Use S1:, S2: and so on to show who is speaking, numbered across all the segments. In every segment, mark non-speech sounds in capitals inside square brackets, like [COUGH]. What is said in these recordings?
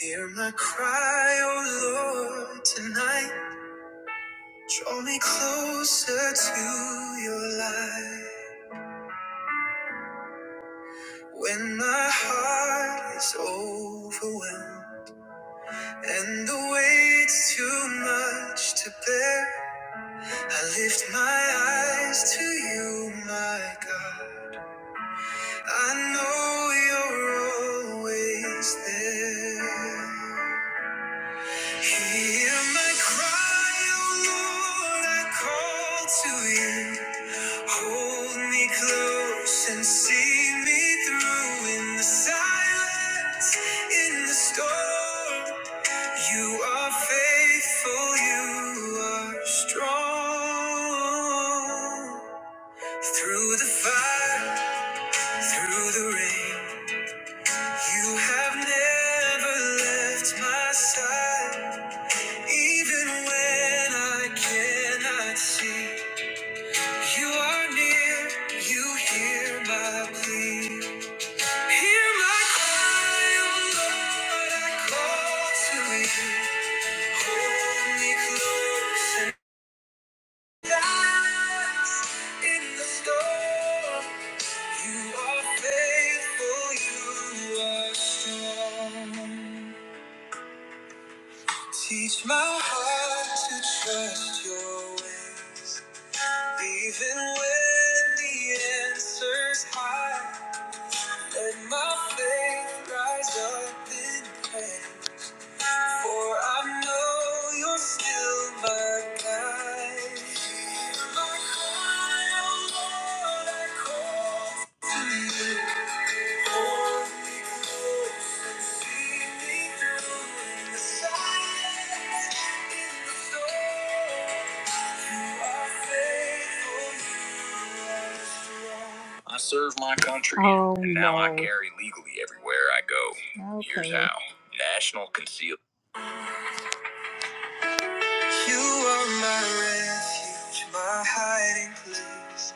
S1: Hear my cry, oh Lord, tonight. Draw me closer to your light. When my heart is overwhelmed and the weight's too much to bear, I lift my eyes to you, my God. I know you're always there. Hear my cry, O Lord, I call to you. Hold me close and see me through in the silence, in the storm. You are faithful, you are strong. Through the fire, through the rain, you have never left my side. Even when I cannot see, you are near, you hear my plea. Hear my cry, oh Lord, I call to you. Hold me close and guide in the storm. You are faithful, you are strong. Teach my heart to trust your ways. Even when the answer's high and my faith rise up in pain. For I know my oh country. Oh, and now no. I no. carry legally everywhere I go. Okay. Here's how. National Conceal. You are my refuge, my hiding place,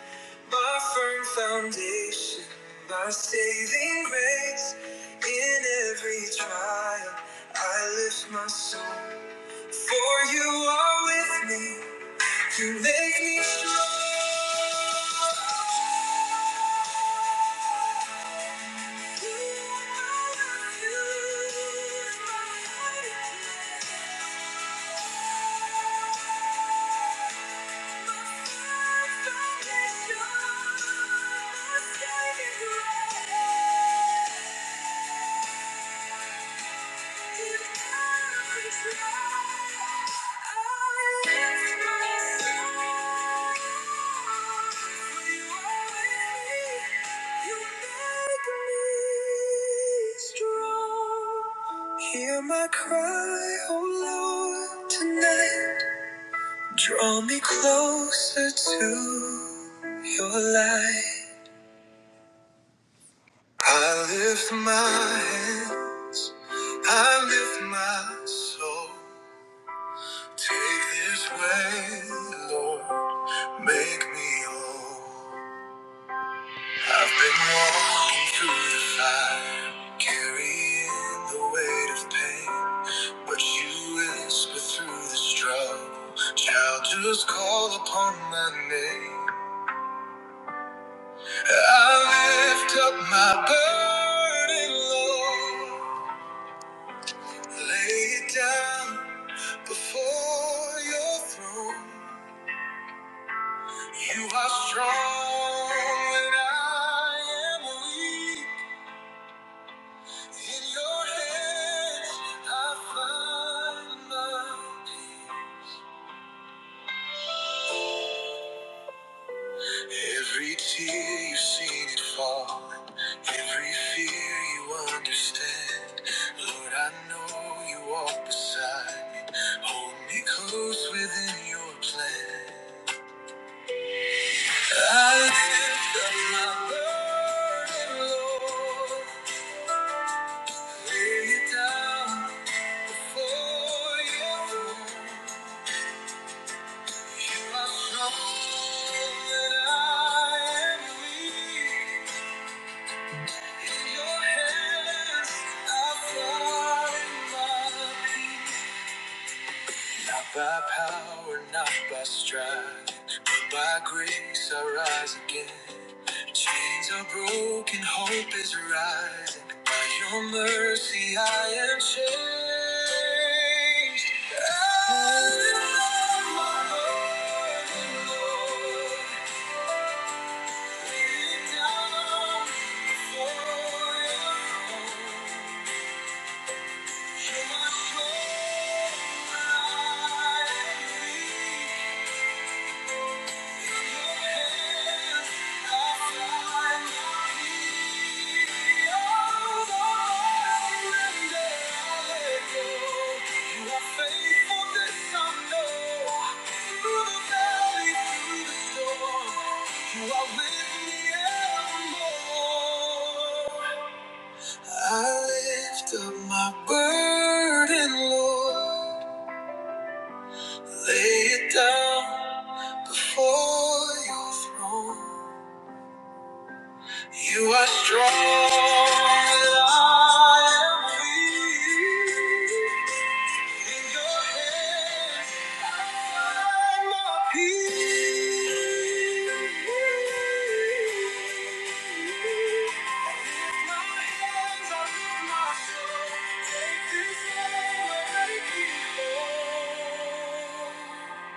S1: my firm foundation, my saving grace. In every trial, I lift my soul. For you are with me, you make me strong. Thank you. Hear my cry, oh Lord, tonight. Draw me closer to your light. I lift my hands, I lift my soul. Take this way, Lord, make me whole. I've been walking through the fire, carrying the weight of pain. But you whisper through the struggle, child, just call upon my name. I lift up my burden, Lord, lay it down before your throne. You are strong when I am weak. In your hands I find my peace. Every tear you've seen it fall. Every fear you understand. Lord, I know you walk beside me. Hold me close within your plan. I lift up my burden, Lord. Lay it down before you. I know that I am weak. In your hands I find my peace. Not by power, not by strife, but by grace I rise again. Chains are broken, hope is rising. By your mercy I am changed. I love my burden, Lord. Lay it down before your throne. Hear my prayer, I am I lift up my burden, Lord, lay it down before your throne. You are strong, and I am weak. In your hands, I am at peace. Lift my hands, I lift my soul. Take this hand and make it whole.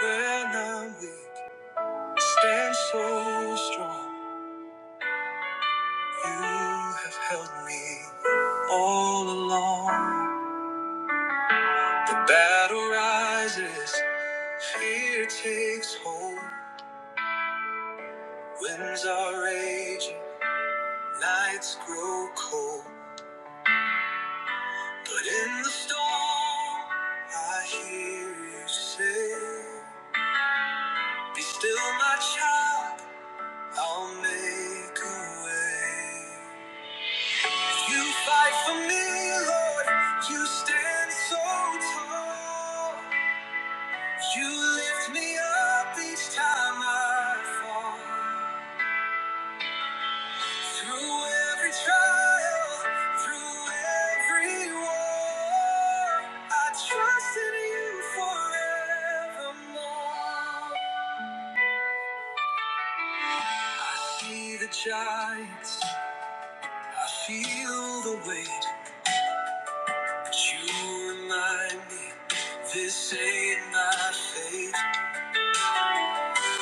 S1: When I'm weak, stand so strong. You have held me all along. The battle rises, fear takes hold. Winds are raging, nights grow cold. But in the storm, I hear you say, Be still, my child, I'll make a way. You fight for me, Lord. You stand so tall. You lift me up each time I fall. Through every trial, through every war, I trust in you forevermore. I see the giants, I feel the weight, but you remind me this ain't my fate. You lift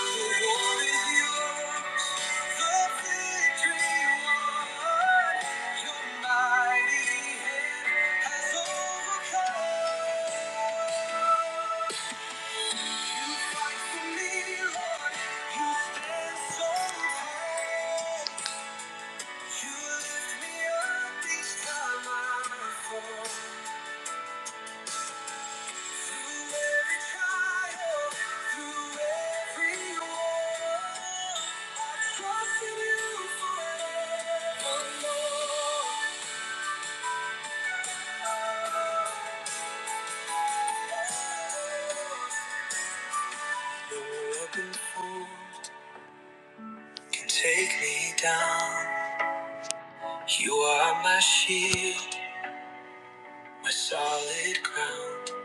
S1: me up each time I fall. Can Take me down. You are my shield, my solid ground.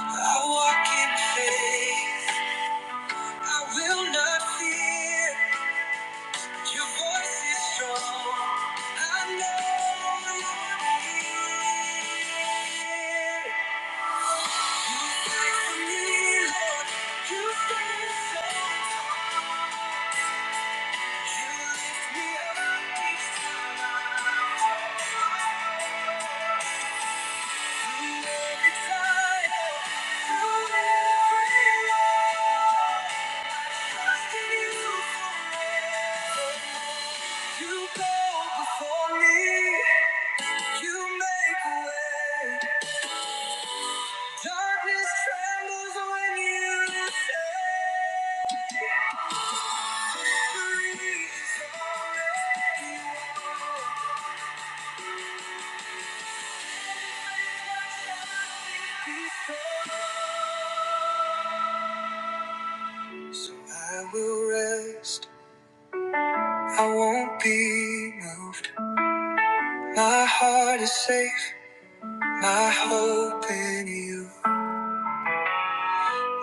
S1: I walk in faith. I will not fear. Your voice is strong. I know you're here. You fight for me, Lord. You stand so. You lift me up each through every trial, through every wall. Trusting you forever. You go before me. You make a way. Darkness trembles when you say, free is already won. So I will rest, I won't be moved. My heart is safe, my hope in you.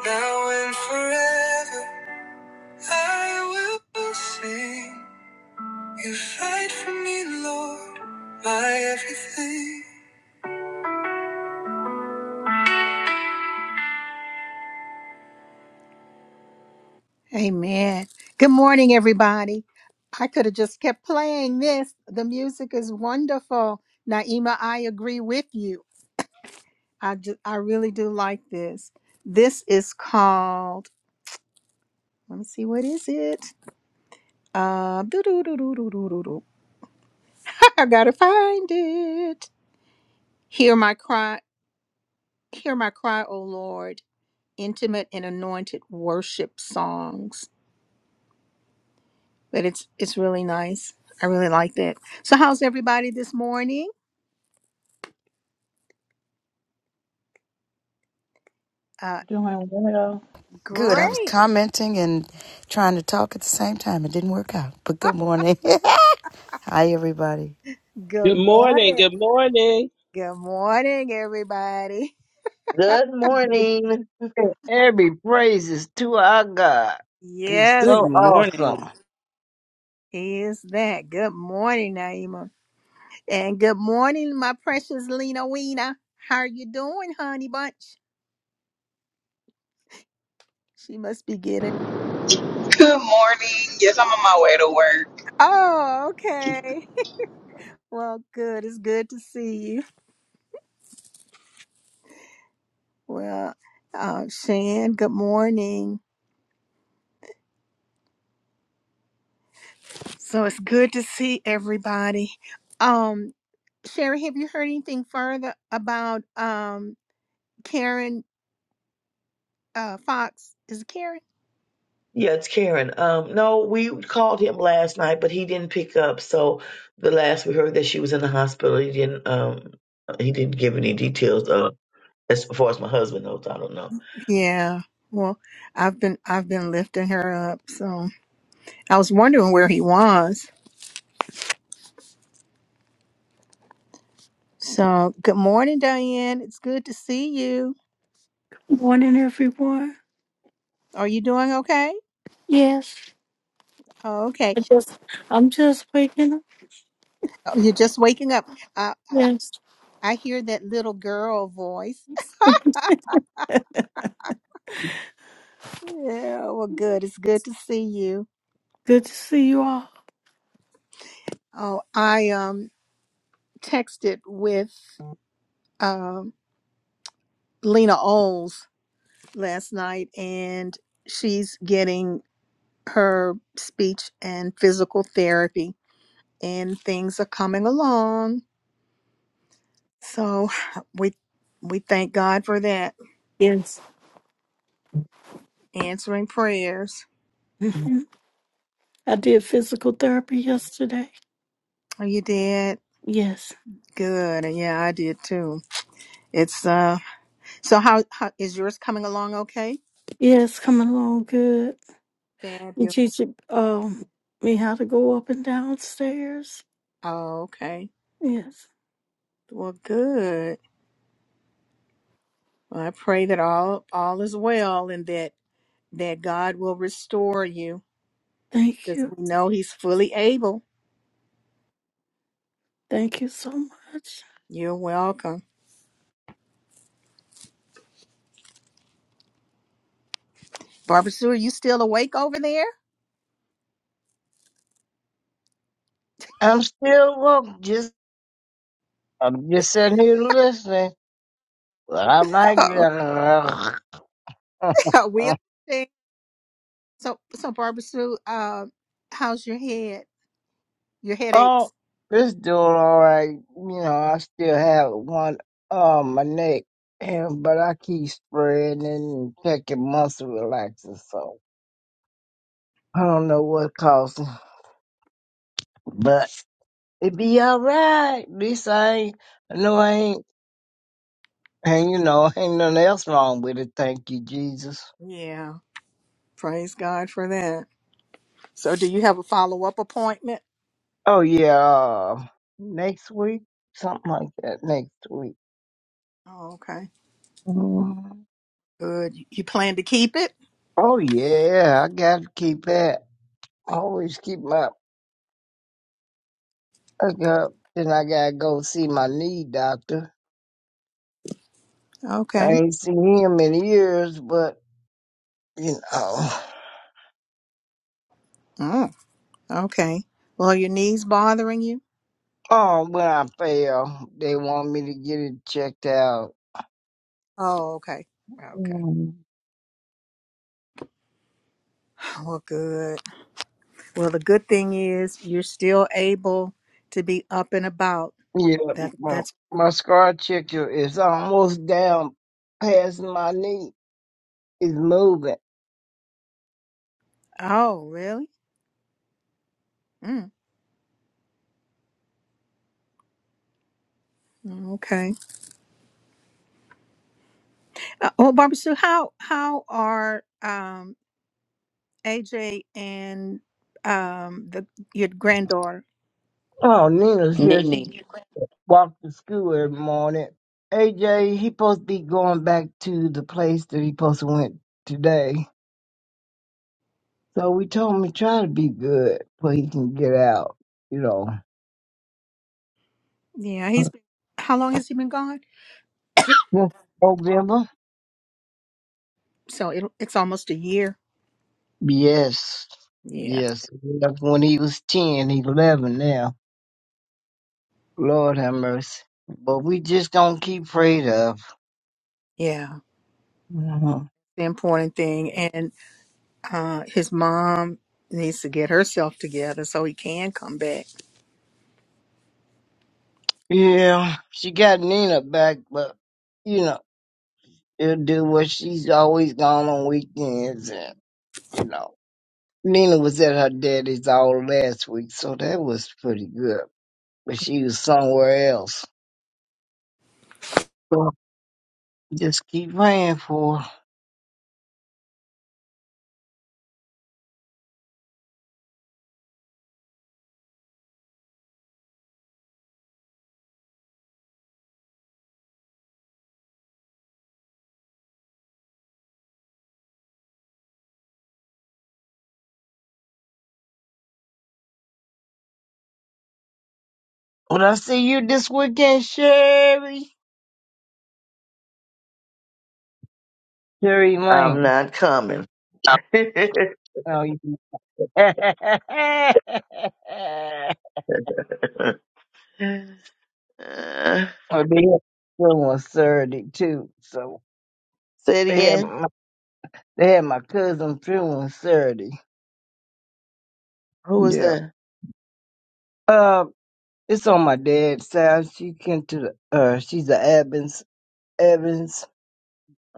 S1: Now and forever, I will sing. You fight for me, Lord, my everything. Amen. Good morning, everybody. I could have just kept playing this. The music is wonderful. Naima, I agree with you. I, ju- I really do like this. This is called, let me see, what is it? Uh, doo-doo-doo-doo-doo-doo-doo. [LAUGHS] I gotta find it. Hear my cry, hear my cry, O Lord. Intimate and anointed worship songs. But it's it's really nice. I really like that. So how's everybody this morning? Uh,
S2: Doing well.
S3: Good. I was
S1: Great.
S3: commenting and trying to talk at the same time. It didn't work out. But good morning. [LAUGHS] Hi, everybody.
S4: Good
S1: Good
S4: morning.
S1: morning.
S4: Good morning.
S1: Good morning, everybody.
S5: Good
S6: And
S5: morning.
S6: Every praise is to our God. He's so
S1: Yes,
S7: Good
S6: awesome.
S7: morning.
S1: he is that. Good morning, Naima. And good morning, my precious Lena Weena. How are you doing, honey bunch? She must be getting.
S8: Good morning. Yes, I'm on my way to work.
S1: Oh, okay. [LAUGHS] Well, good. It's good to see you. Well, uh, Shan, good morning. So it's good to see everybody. Um, Sherry, have you heard anything further about um Karen uh, Fox, is it Karen?
S5: Yeah, it's Karen. Um, no, we called him last night, but he didn't pick up. So the last we heard that she was in the hospital, he didn't um he didn't give any details uh as far as my husband knows, I don't know.
S1: Yeah. Well, I've been I've been lifting her up. So I was wondering where he was. So good morning, Diane. It's good to see you.
S9: Morning, everyone.
S1: Are you doing okay?
S9: Yes,
S1: Oh, okay.
S9: I just, I'm just waking up.
S1: Oh, you're just waking up. Uh, I
S9: Yes,
S1: I hear that little girl voice. [LAUGHS] Yeah. Well, good. It's good to see you.
S9: good to see you all.
S1: Oh, I um texted with um Lena Oles last night, and she's getting her speech and physical therapy and things are coming along so [SIGHS] we we thank god for that
S9: Yes,
S1: answering prayers
S9: hmm I did physical therapy yesterday.
S1: oh you did
S9: Yes,
S1: good yeah i did too it's uh so how, how is yours coming along okay
S9: yes, coming along good. You
S1: fabulous
S9: teach um me how to go up and down stairs.
S1: okay
S9: Yes,
S1: well good well, i pray that all all is well and that that god will restore you
S9: thank
S1: because
S9: you,
S1: we know he's fully able
S9: thank you so much.
S1: you're welcome Barbara Sue, are you still awake over there?
S6: I'm still woke. Just I'm just sitting here listening, but I'm like,
S1: [LAUGHS] Oh, [LAUGHS] we understand. So, so Barbara Sue, uh, how's your head? Your
S6: [LAUGHS] oh,
S1: headaches?
S6: this doing all right. You know, I still have one on my neck, and but I keep spraying and taking muscle relaxers. So I don't know what caused it, but it be all right. At least I ain't. I know I ain't. And you know, ain't nothing else wrong with it. Thank you, Jesus.
S1: Yeah, praise God for that. So, do you have a follow up appointment?
S6: Oh yeah, uh, next week, something like that. Next week.
S1: Oh, okay,
S6: Mm.
S1: good. You plan to keep it?
S6: Oh yeah, I gotta keep that. I always keep my hookup. Then I gotta go see my knee doctor. I
S1: Okay.
S6: ain't seen him in years, but you know, [SIGHS]
S1: Mm, okay. Well, are your knees bothering you?
S6: oh, when I fail, they want me to get it checked out.
S1: Oh, okay. Okay. Well, good. Well, the good thing is you're still able to be up and about.
S6: Yeah,
S1: That
S6: my,
S1: that's.
S6: my scar checker is almost down past my knee. It's moving.
S1: Oh, really? Mm. Okay. Uh, well, Barbara Sue, how how are um, AJ and um, the your granddaughter?
S6: Oh, Nina's here. She
S10: Nene.
S6: walked to school every morning. AJ, he supposed to be going back to the place that he supposed to went today. So we told him to try to be good so he can get out, you know.
S1: Yeah, he's
S6: [LAUGHS]
S1: been. How long has he been gone?
S6: Yeah. November?
S1: So it, it's almost a year.
S6: Yes.
S1: Yeah,
S6: Yes. That's When he was 10, he's 11 now. Lord have mercy. But we just gonna keep prayed up.
S1: yeah.
S6: Mhm.
S1: The important thing, and uh, his mom needs to get herself together so he can come back.
S6: Yeah, she got Nina back, but you know, it'll do what she's always gone on weekends and you know. Nina was at her daddy's all last week, so that was pretty good. But she was somewhere else. So just keep praying for her. Well, I see you this weekend, Sherry. Sherry
S5: I'm
S6: Lane.
S5: not coming. [LAUGHS]
S6: Oh, you. [LAUGHS] oh, they
S5: Uh,
S6: have someone Saturday too, so
S5: say it
S6: they
S5: again.
S6: have. They had my cousin's funeral Saturday.
S5: Who was
S6: Yeah.
S5: that?
S6: Uh, it's on my dad's side. She came to the, uh, she's a Evans, Evans.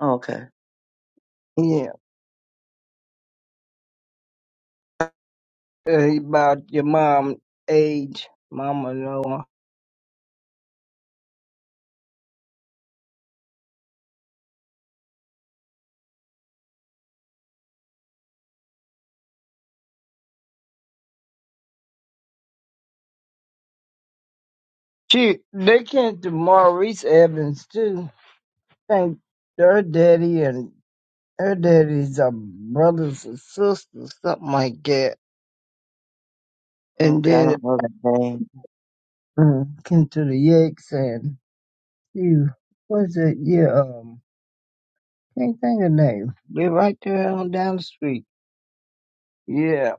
S5: Okay.
S6: Yeah. Uh, about your mom age. Mama Noah. She, they came to Maurice Evans too. Think her daddy and her daddy's uh, brothers and sisters, something like that. And
S5: Okay, I
S6: then,
S5: don't know that name.
S6: uh, came to the Yakes and, you, Was it? Yeah, Um. Can't think of name. they right there on down the street. Yeah.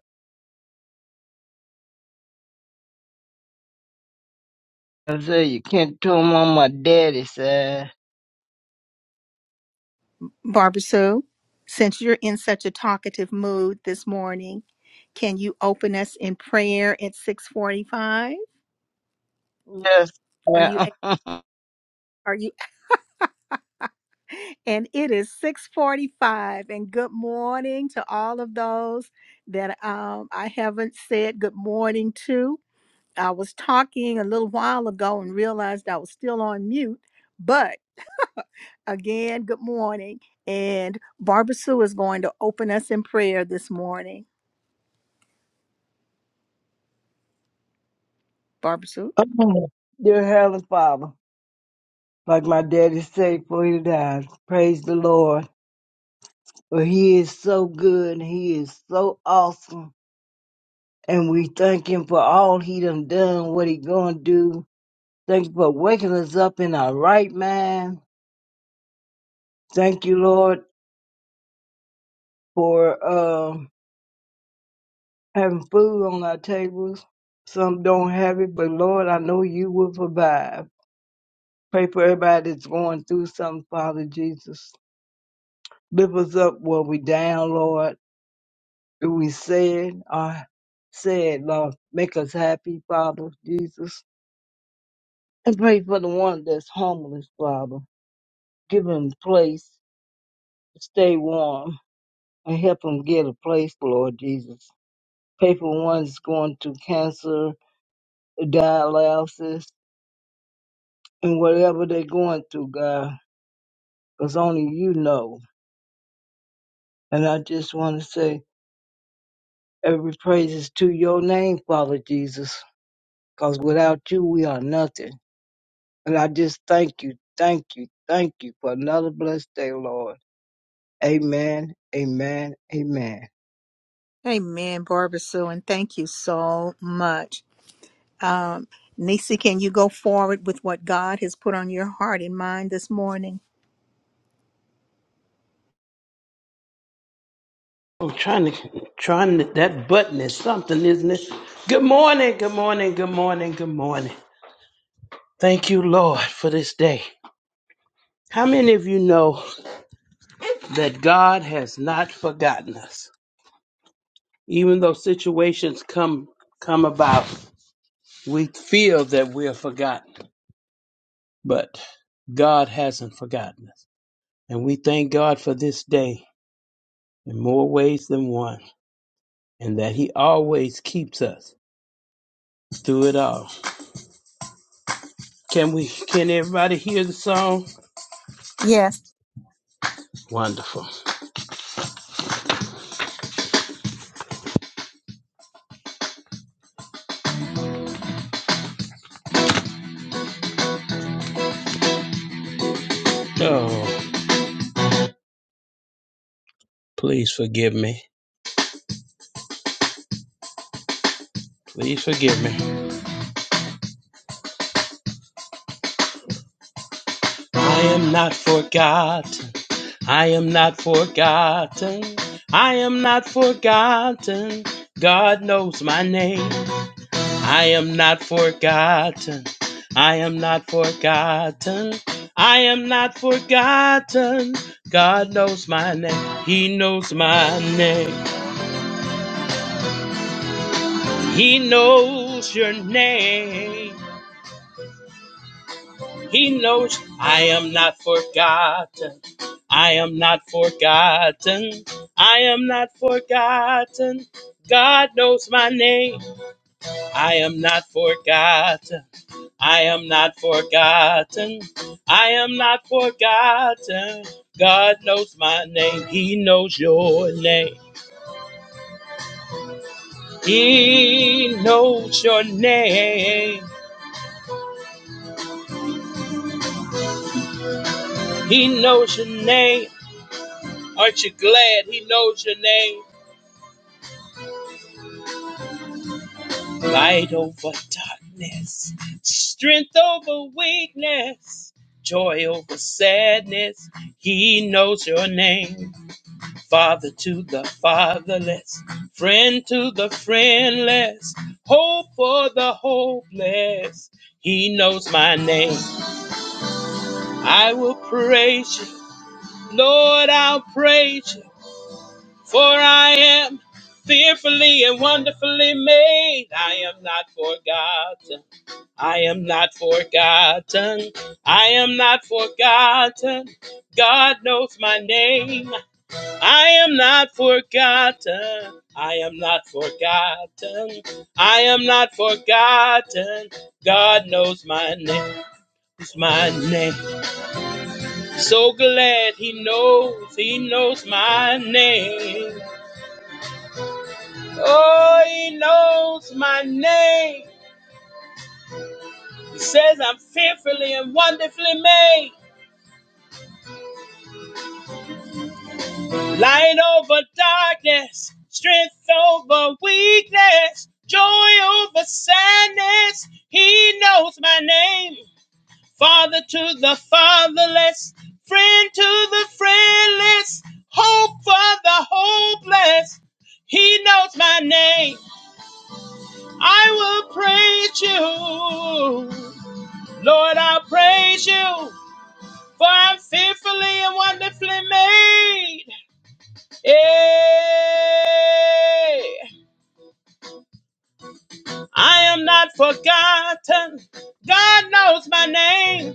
S6: I say you can't tell them on my daddy side.
S1: Barbara Sue, since you're in such a talkative mood this morning, can you open us in prayer at six forty-five?
S6: Yes.
S1: Are you?
S6: Yeah. [LAUGHS]
S1: Are you? And it is 645. And good morning to all of those that um, I haven't said good morning to. I was talking a little while ago and realized I was still on mute. But again, good morning. And Barbara Sue is going to open us in prayer this morning. Barbara Sue?
S6: Oh, dear Heavenly Father, like my daddy said before he died, praise the Lord. For he is so good and he is so awesome. And we thank him for all he done done, what he gonna do. Thank you for waking us up in our right mind. Thank you, Lord, for um. having food on our tables. Some don't have it, but Lord, I know you will provide. Pray for everybody that's going through something, Father Jesus. Lift us up where we down, Lord. Do we said or said, Lord, make us happy, Father Jesus. And pray for the one that's homeless, Father. Give him a place to stay warm and help him get a place, Lord Jesus. Pray for one that's going through cancer, dialysis, and whatever they're going through, God, because only you know. And I just want to say every praise is to your name, Father Jesus, because without you, we are nothing. And I just thank you, thank you, thank you for another blessed day, Lord. Amen, amen, amen.
S1: Amen, Barbara Sue. And thank you so much. Um, Nisi, can you go forward with what God has put on your heart and mind this morning?
S4: I'm trying to trying to, that button is something, isn't it? Good morning, good morning, good morning, good morning. Thank you, Lord, for this day. How many of you know that God has not forgotten us? Even though situations come come about, we feel that we are forgotten, but God hasn't forgotten us. And we thank God for this day in more ways than one, and that He always keeps us through it all. Can we? Can everybody hear the song?
S1: Yes.
S4: Wonderful. Oh, please forgive me. Please forgive me. I am not forgotten. I am not forgotten. I am not forgotten. God knows my name. I am not forgotten. I am not forgotten. I am not forgotten. God knows my name. He knows my name. He knows your name. He knows I am not forgotten. I am not forgotten. I am not forgotten. God knows my name. I am not forgotten. I am not forgotten. I am not forgotten. God knows my name. He knows your name. He knows your name. He knows your name. Aren't you glad he knows your name? light over darkness, strength over weakness, joy over sadness. He knows your name, Father to the fatherless, friend to the friendless, hope for the hopeless. He knows my name. I will praise you, Lord. I'll praise you, for I am fearfully and wonderfully made. I am not forgotten. I am not forgotten. I am not forgotten. God knows my name. I am not forgotten. I am not forgotten. I am not forgotten. God knows my name. It's my name. So glad he knows. He knows my name. Oh, he knows my name. He says I'm fearfully and wonderfully made. Light over darkness, strength over weakness, joy over sadness. He knows my name. Father to the fatherless, friend to the friendless, hope for the hopeless. He knows my name. I will praise you. Lord, I'll praise you, for I'm fearfully and wonderfully made. Hey, I am not forgotten. God knows my name.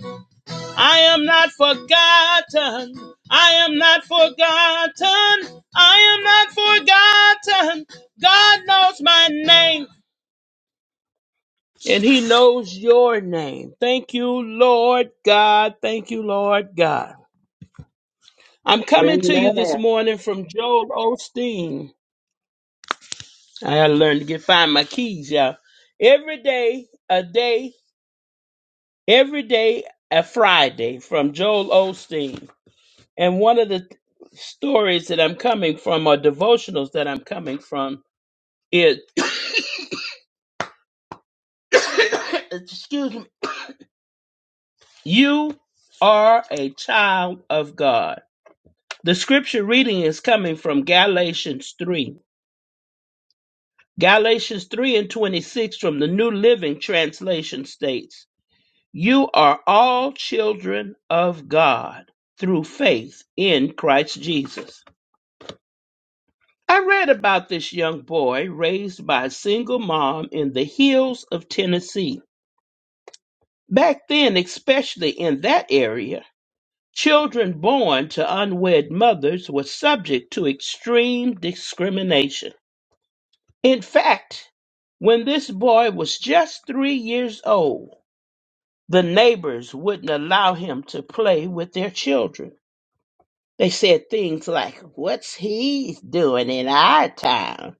S4: I am not forgotten. I am not forgotten. I am not forgotten. God knows my name. And he knows your name. Thank you, Lord God. Thank you, Lord God. I'm coming to you this
S6: Amen.
S4: morning from Joel Osteen. I gotta learn to get find my keys, y'all. Every day, a day, every day, a Friday from Joel Osteen. And one of the th- stories that I'm coming from, or devotionals that I'm coming from, is [COUGHS] excuse me, you are a child of God. The scripture reading is coming from Galatians 3. Galatians 3 and 26 from the New Living Translation states. You are all children of God through faith in Christ Jesus. I read about this young boy raised by a single mom in the hills of Tennessee. Back then, especially in that area, children born to unwed mothers were subject to extreme discrimination. In fact, when this boy was just three years old, the neighbors wouldn't allow him to play with their children They said things like, What's he doing in our town?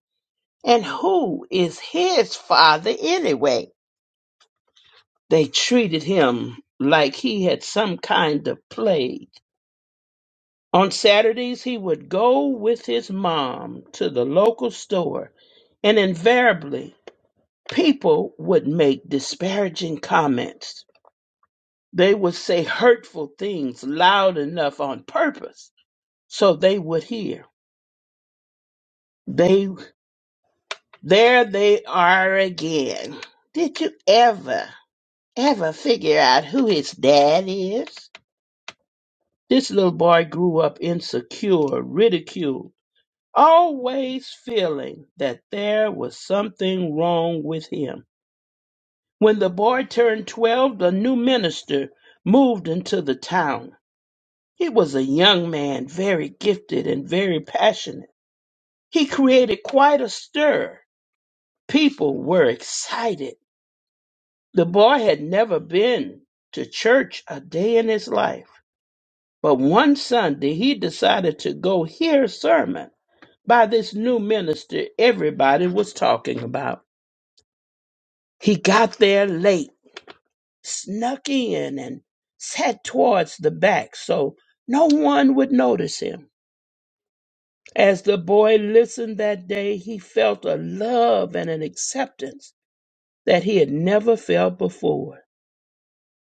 S4: And who is his father anyway? They treated him like he had some kind of plague. On Saturdays, he would go with his mom to the local store, and invariably, people would make disparaging comments. They would say hurtful things loud enough on purpose so they would hear. They There they are again. Did you ever, ever figure out who his dad is? This little boy grew up insecure, ridiculed, always feeling that there was something wrong with him. When the boy turned 12, the new minister moved into the town. He was a young man, very gifted and very passionate. He created quite a stir. People were excited The boy had never been to church a day in his life, but one Sunday he decided to go hear a sermon by this new minister everybody was talking about. He got there late, snuck in, and sat towards the back so no one would notice him. As the boy listened that day, he felt a love and an acceptance that he had never felt before.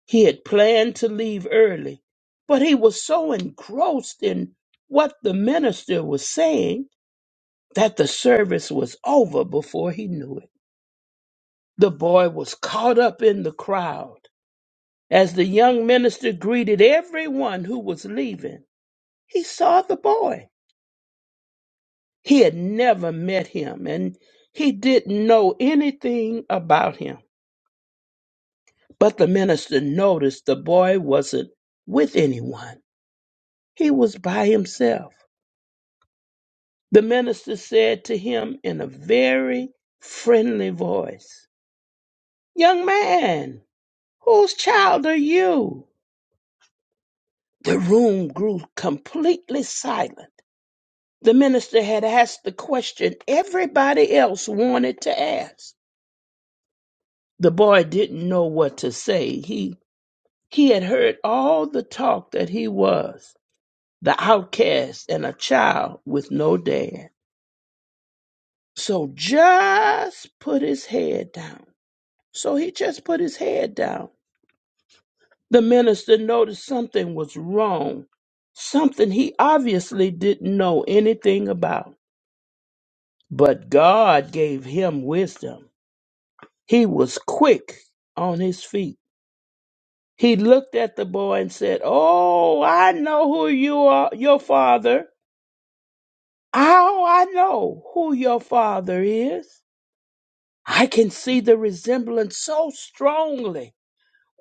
S4: He had planned to leave early, but he was so engrossed in what the minister was saying that the service was over before he knew it. The boy was caught up in the crowd. As the young minister greeted everyone who was leaving, he saw the boy. He had never met him and he didn't know anything about him. But the minister noticed the boy wasn't with anyone, he was by himself. The minister said to him in a very friendly voice, Young man, whose child are you? The room grew completely silent. The minister had asked the question everybody else wanted to ask. The boy didn't know what to say. He he had heard all the talk that he was the outcast and a child with no dad. So just put his head down So he just put his head down. The minister noticed something was wrong, something he obviously didn't know anything about. But God gave him wisdom. He was quick on his feet. He looked at the boy and said, Oh, I know who you are, your father. Oh, I know who your father is. I can see the resemblance so strongly.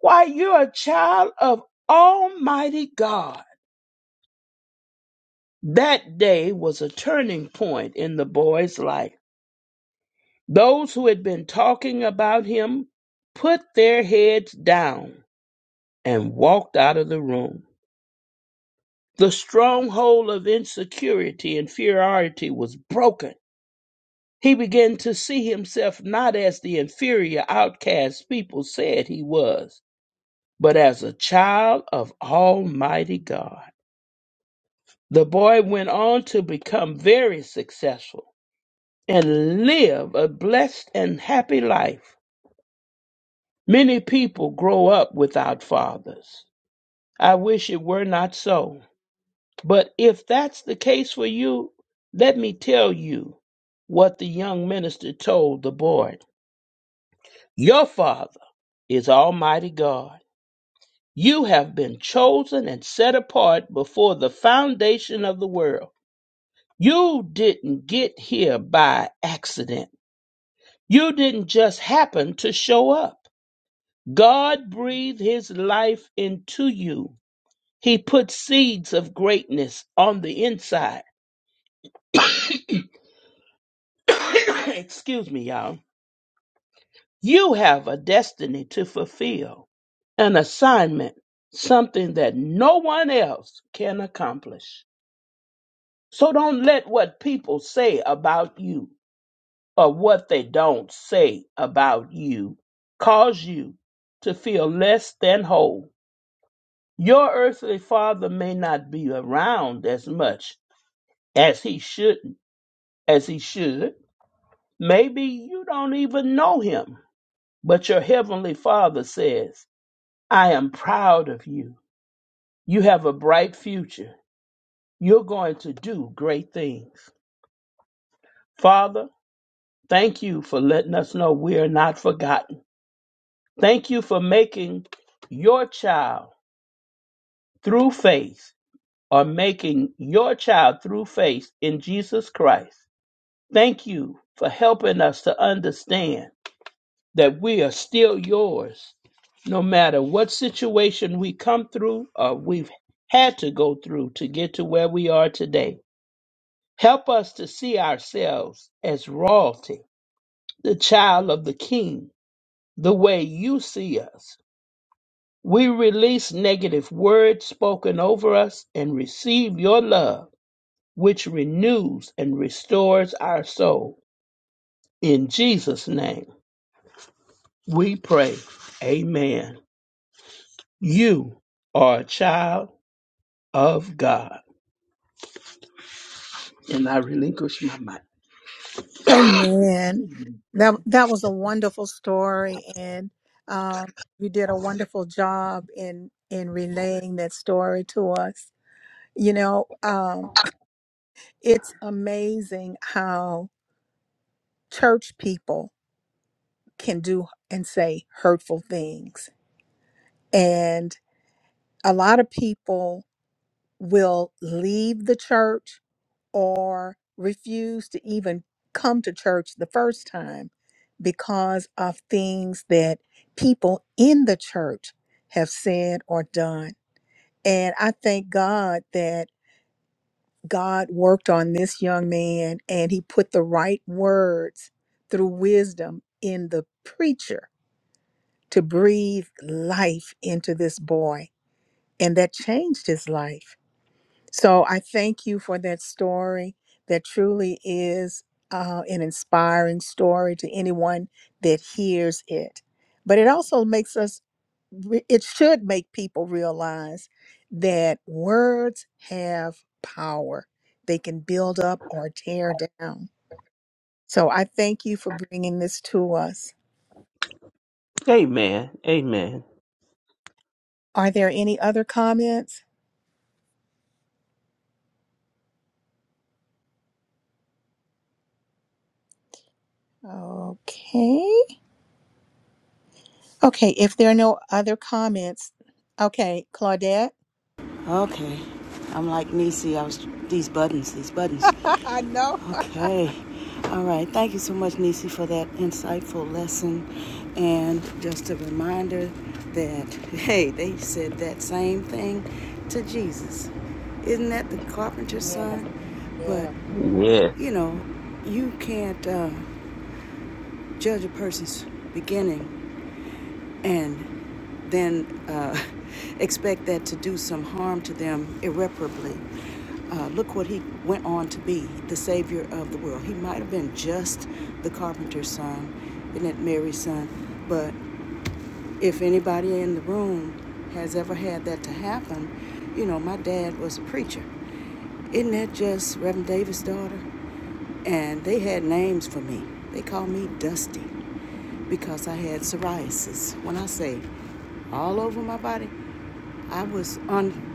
S4: Why, you're a child of Almighty God. That day was a turning point in the boy's life. Those who had been talking about him put their heads down and walked out of the room. The stronghold of insecurity and inferiority was broken. He began to see himself not as the inferior outcast people said he was, but as a child of Almighty God. The boy went on to become very successful and live a blessed and happy life. Many people grow up without fathers. I wish it were not so. But if that's the case for you, let me tell you what the young minister told the board. Your father is Almighty God. You have been chosen and set apart before the foundation of the world. You didn't get here by accident. You didn't just happen to show up. God breathed his life into you. He put seeds of greatness on the inside. [COUGHS] Excuse me, y'all. You have a destiny to fulfill, an assignment, something that no one else can accomplish. So don't let what people say about you or what they don't say about you cause you to feel less than whole. Your earthly father may not be around as much as he shouldn't, as he should. Maybe you don't even know him, but your heavenly Father says, "I am proud of you. You have a bright future. You're going to do great things." Father, thank you for letting us know we are not forgotten. Thank you for making your child through faith or making your child through faith in Jesus Christ. Thank you for helping us to understand that we are still yours, no matter what situation we come through or we've had to go through to get to where we are today. Help us to see ourselves as royalty, the child of the king, the way you see us. We release negative words spoken over us and receive your love, which renews and restores our soul. In Jesus' name we pray. Amen. You are a child of God. And I relinquish my
S1: Amen.
S4: mind.
S1: That that was a wonderful story, and um, you did a wonderful job in in relaying that story to us. You know, um, it's amazing how church people can do and say hurtful things, and a lot of people will leave the church or refused to even come to church the first time because of things that people in the church have said or done. And I thank God that God worked on this young man and he put the right words through wisdom in the preacher to breathe life into this boy. And that changed his life. So I thank you for that story that truly is uh, an inspiring story to anyone that hears it. But it also makes us, re- it should make people realize that words have power. They can build up or tear down. So I thank you for bringing this to us.
S4: Amen. Amen.
S1: Are there any other comments? Okay. Okay. If there are no other comments, okay, Claudette.
S3: Okay. I'm like Nisi. I was these buttons, these buttons.
S1: [LAUGHS] I know.
S3: Okay. All right. Thank you so much, Nisi, for that insightful lesson. And just a reminder that [LAUGHS] hey, they said that same thing to Jesus. Isn't that the carpenter's
S1: Yes,
S3: son? But
S1: yes.
S3: you
S4: Yes.
S3: know, you can't uh, judge a person's beginning and then uh, [LAUGHS] expect that to do some harm to them irreparably. Uh, look what he went on to be the savior of the world. He might have been just the carpenter's son, isn't it, Mary's son? But if anybody in the room has ever had that to happen, you know, my dad was a preacher. Isn't that just Reverend Davis' daughter? And they had names for me. They called me Dusty because I had psoriasis. When I say all over my body, I was on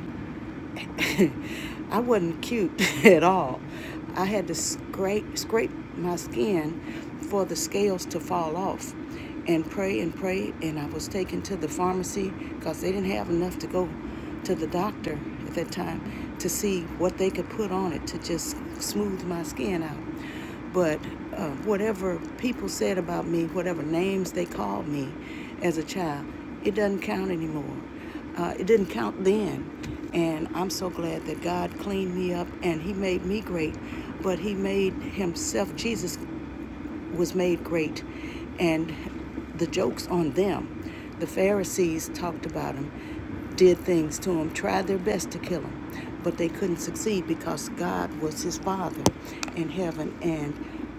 S3: [LAUGHS] I wasn't cute [LAUGHS] at all. I had to scrape scrape my skin for the scales to fall off and pray and pray and I was taken to the pharmacy because they didn't have enough to go to the doctor at that time to see what they could put on it to just smooth my skin out. But uh, whatever people said about me, whatever names they called me as a child, it doesn't count anymore. Uh, it didn't count then. And I'm so glad that God cleaned me up and He made me great. But He made Himself, Jesus was made great, and the jokes on them. The Pharisees talked about him, did things to him, tried their best to kill him, but they couldn't succeed because God was his father in heaven, and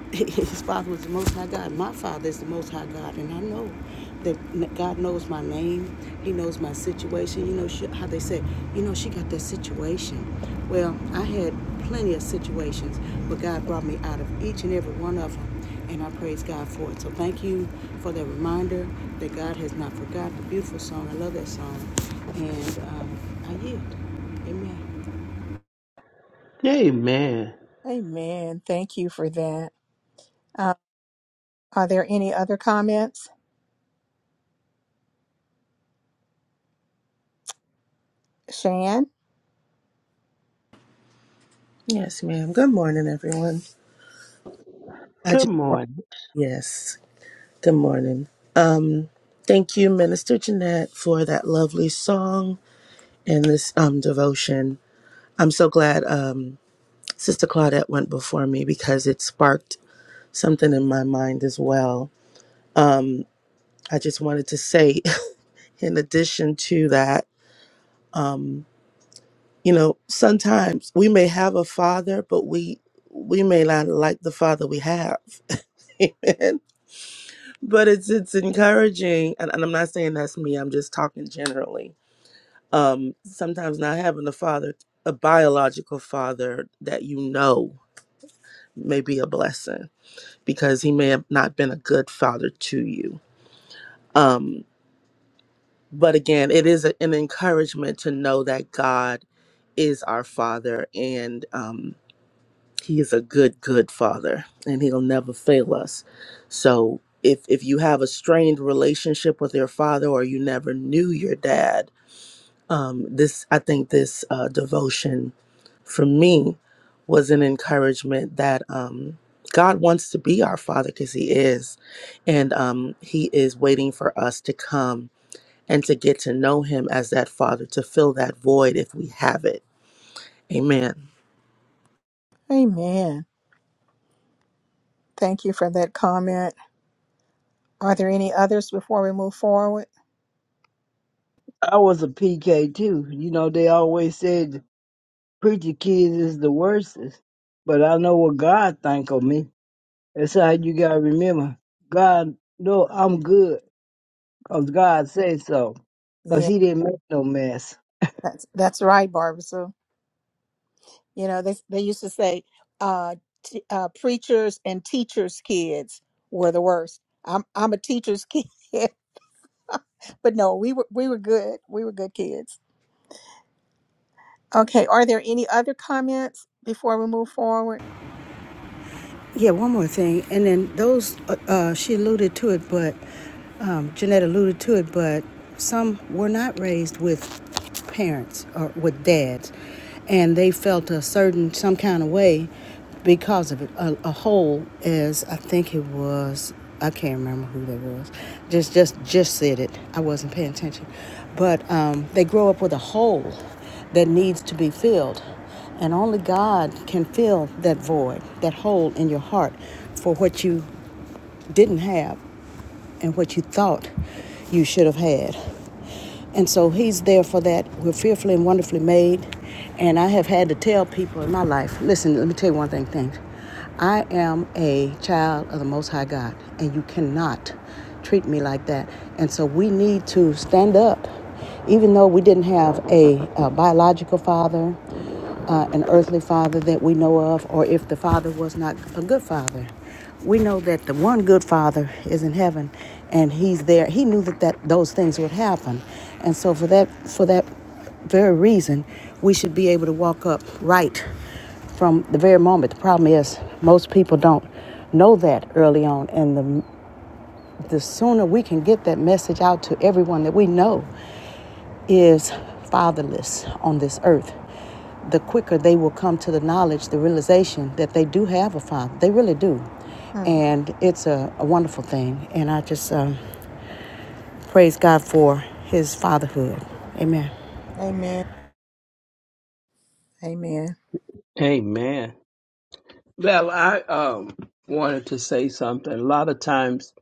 S3: [LAUGHS] his father was the Most High God. My father is the Most High God, and I know that God knows my name. He knows my situation. You know she, how they say, you know, she got that situation. Well, I had plenty of situations, but God brought me out of each and every one of them and I praise God for it. So thank you for that reminder that God has not forgotten. the Beautiful song. I love that song. And um, I yield. Amen.
S4: Amen.
S1: Amen. Thank you for that. Uh, are there any other comments? Shan?
S11: Yes, ma'am. Good morning, everyone. I
S4: Good
S11: just want
S4: morning.
S11: yes. Good morning. Um, thank you, Minister Jeanette, for that lovely song and this um devotion. I'm so glad um Sister Claudette went before me because it sparked something in my mind as well. Um, I just wanted to say, [LAUGHS] in addition to that, um, you know, sometimes we may have a father, but we we may not like the father we have. [LAUGHS] Amen. but it's it's encouraging and, and i'm not saying that's me i'm just talking generally um sometimes not having a father a biological father that you know may be a blessing because he may have not been a good father to you um but again it is a, an encouragement to know that god is our father and um he is a good good father and he'll never fail us so if if you have a strained relationship with your father or you never knew your dad um this i think this uh devotion for me was an encouragement that um god wants to be our father because he is and um he is waiting for us to come and to get to know him as that father to fill that void if we have it amen
S1: Amen. Thank you for that comment. Are there any others before we move forward?
S6: I was a PK too. You know, they always said preacher kids is the worstest. But I know what God think of me. That's how you gotta remember. God, no, I'm good. Cause God said so, 'cause
S1: Yeah,
S6: he didn't make no mess.
S1: that's that's right, Barbara. So, you know, they they used to say uh, t- uh preachers and teachers' kids were the worst. I'm I'm a teacher's [LAUGHS] kid, but no, we were we were good. We were good kids. Okay, are there any other comments before we move forward?
S3: Yeah, one more thing, and then those uh, uh, she alluded to it, but um, Jeanette alluded to it, but some were not raised with parents or with dads, and they felt a certain some kind of way because of it. A, a whole is, I think it was, I can't remember who that was. Just just just said it. I wasn't paying attention, but um, they grow up with a hole that needs to be filled and only God can fill that void, that hole in your heart for what you didn't have and what you thought you should have had. And so he's there for that. We're fearfully and wonderfully made. And I have had to tell people in my life listen, let me tell you one thing, thing. I am a child of the Most High God, and you cannot treat me like that. And so we need to stand up, even though we didn't have a, uh biological father, uh, an earthly father that we know of, or if the father was not a good father we know that the one good father is in heaven and he's there he knew that, that those things would happen and so for that for that very reason we should be able to walk up right from the very moment the problem is most people don't know that early on and the. The sooner we can get that message out to everyone that we know is fatherless on this earth, the quicker they will come to the knowledge, the realization that they do have a father. They really do.
S1: Mhm.
S3: And it's a, a wonderful thing. And I just um, praise God for his fatherhood. Amen.
S1: Amen. Amen.
S4: Amen. Well, I um wanted to say something. A lot of times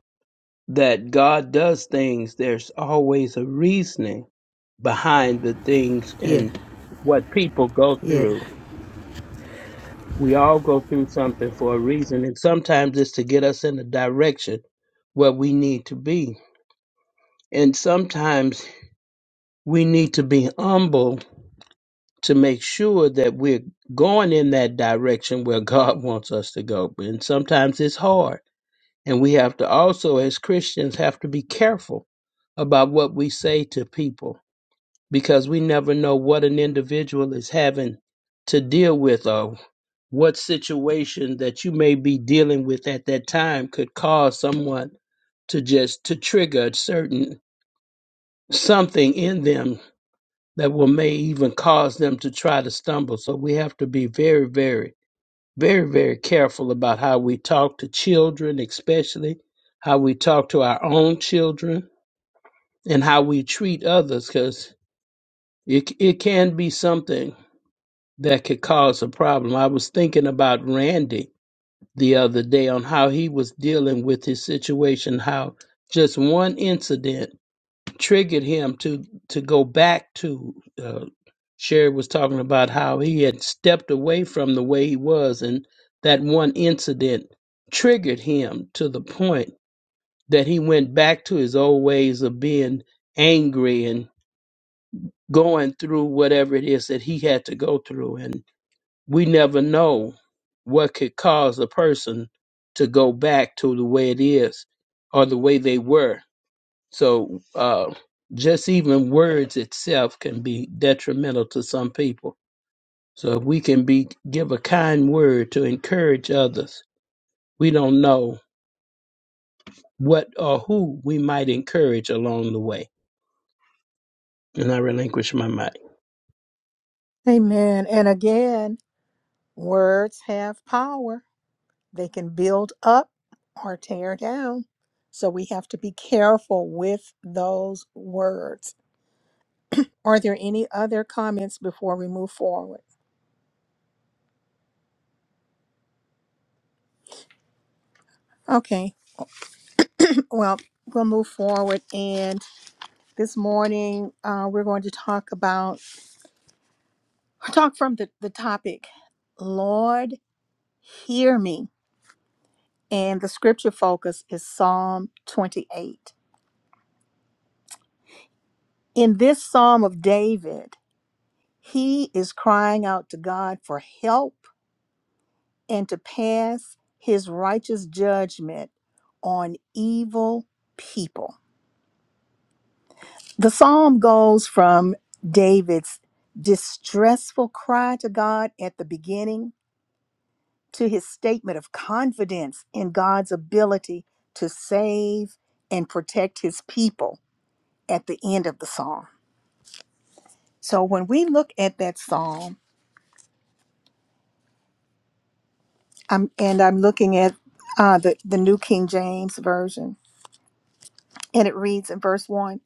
S4: that God does things, there's always a reasoning behind the things
S3: Yeah.
S4: and what people go
S3: Yeah.
S4: through. We all go through something for a reason, and sometimes it's to get us in the direction where we need to be. And sometimes we need to be humble to make sure that we're going in that direction where [LAUGHS] God wants us to go. And sometimes it's hard. And we have to also, as Christians, have to be careful about what we say to people because we never know what an individual is having to deal with or what situation that you may be dealing with at that time could cause someone to just to trigger a certain something in them that will may even cause them to try to stumble. So we have to be very, very, very, very careful about how we talk to children, especially how we talk to our own children and how we treat others, because it it can be something that could cause a problem. I was thinking about Randy the other day on how he was dealing with his situation, how just one incident triggered him to to go back to uh, Sherry was talking about how he had stepped away from the way he was, and that one incident triggered him to the point that he went back to his old ways of being angry and going through whatever it is that he had to go through. And we never know what could cause a person to go back to the way it is or the way they were. So, uh, just even words itself can be detrimental to some people so if we can be give a kind word to encourage others, we don't know what or who we might encourage along the way. And I relinquish my mic.
S1: Amen. And again, words have power. They can build up or tear down. So we have to be careful with those words. Are there any other comments before we move forward? Okay. [CLEARS THROAT] Well, we'll move forward. And this morning, uh, we're going to talk about, talk from the, the topic, Lord, hear me. and the scripture focus is Psalm 28. In this Psalm of David, he is crying out to God for help and to pass his righteous judgment on evil people. The Psalm goes from David's distressful cry to God at the beginning to his statement of confidence in God's ability to save and protect his people at the end of the Psalm. So when we look at that psalm, I'm, and I'm looking at uh, the, the New King James Version, and it reads in verse 1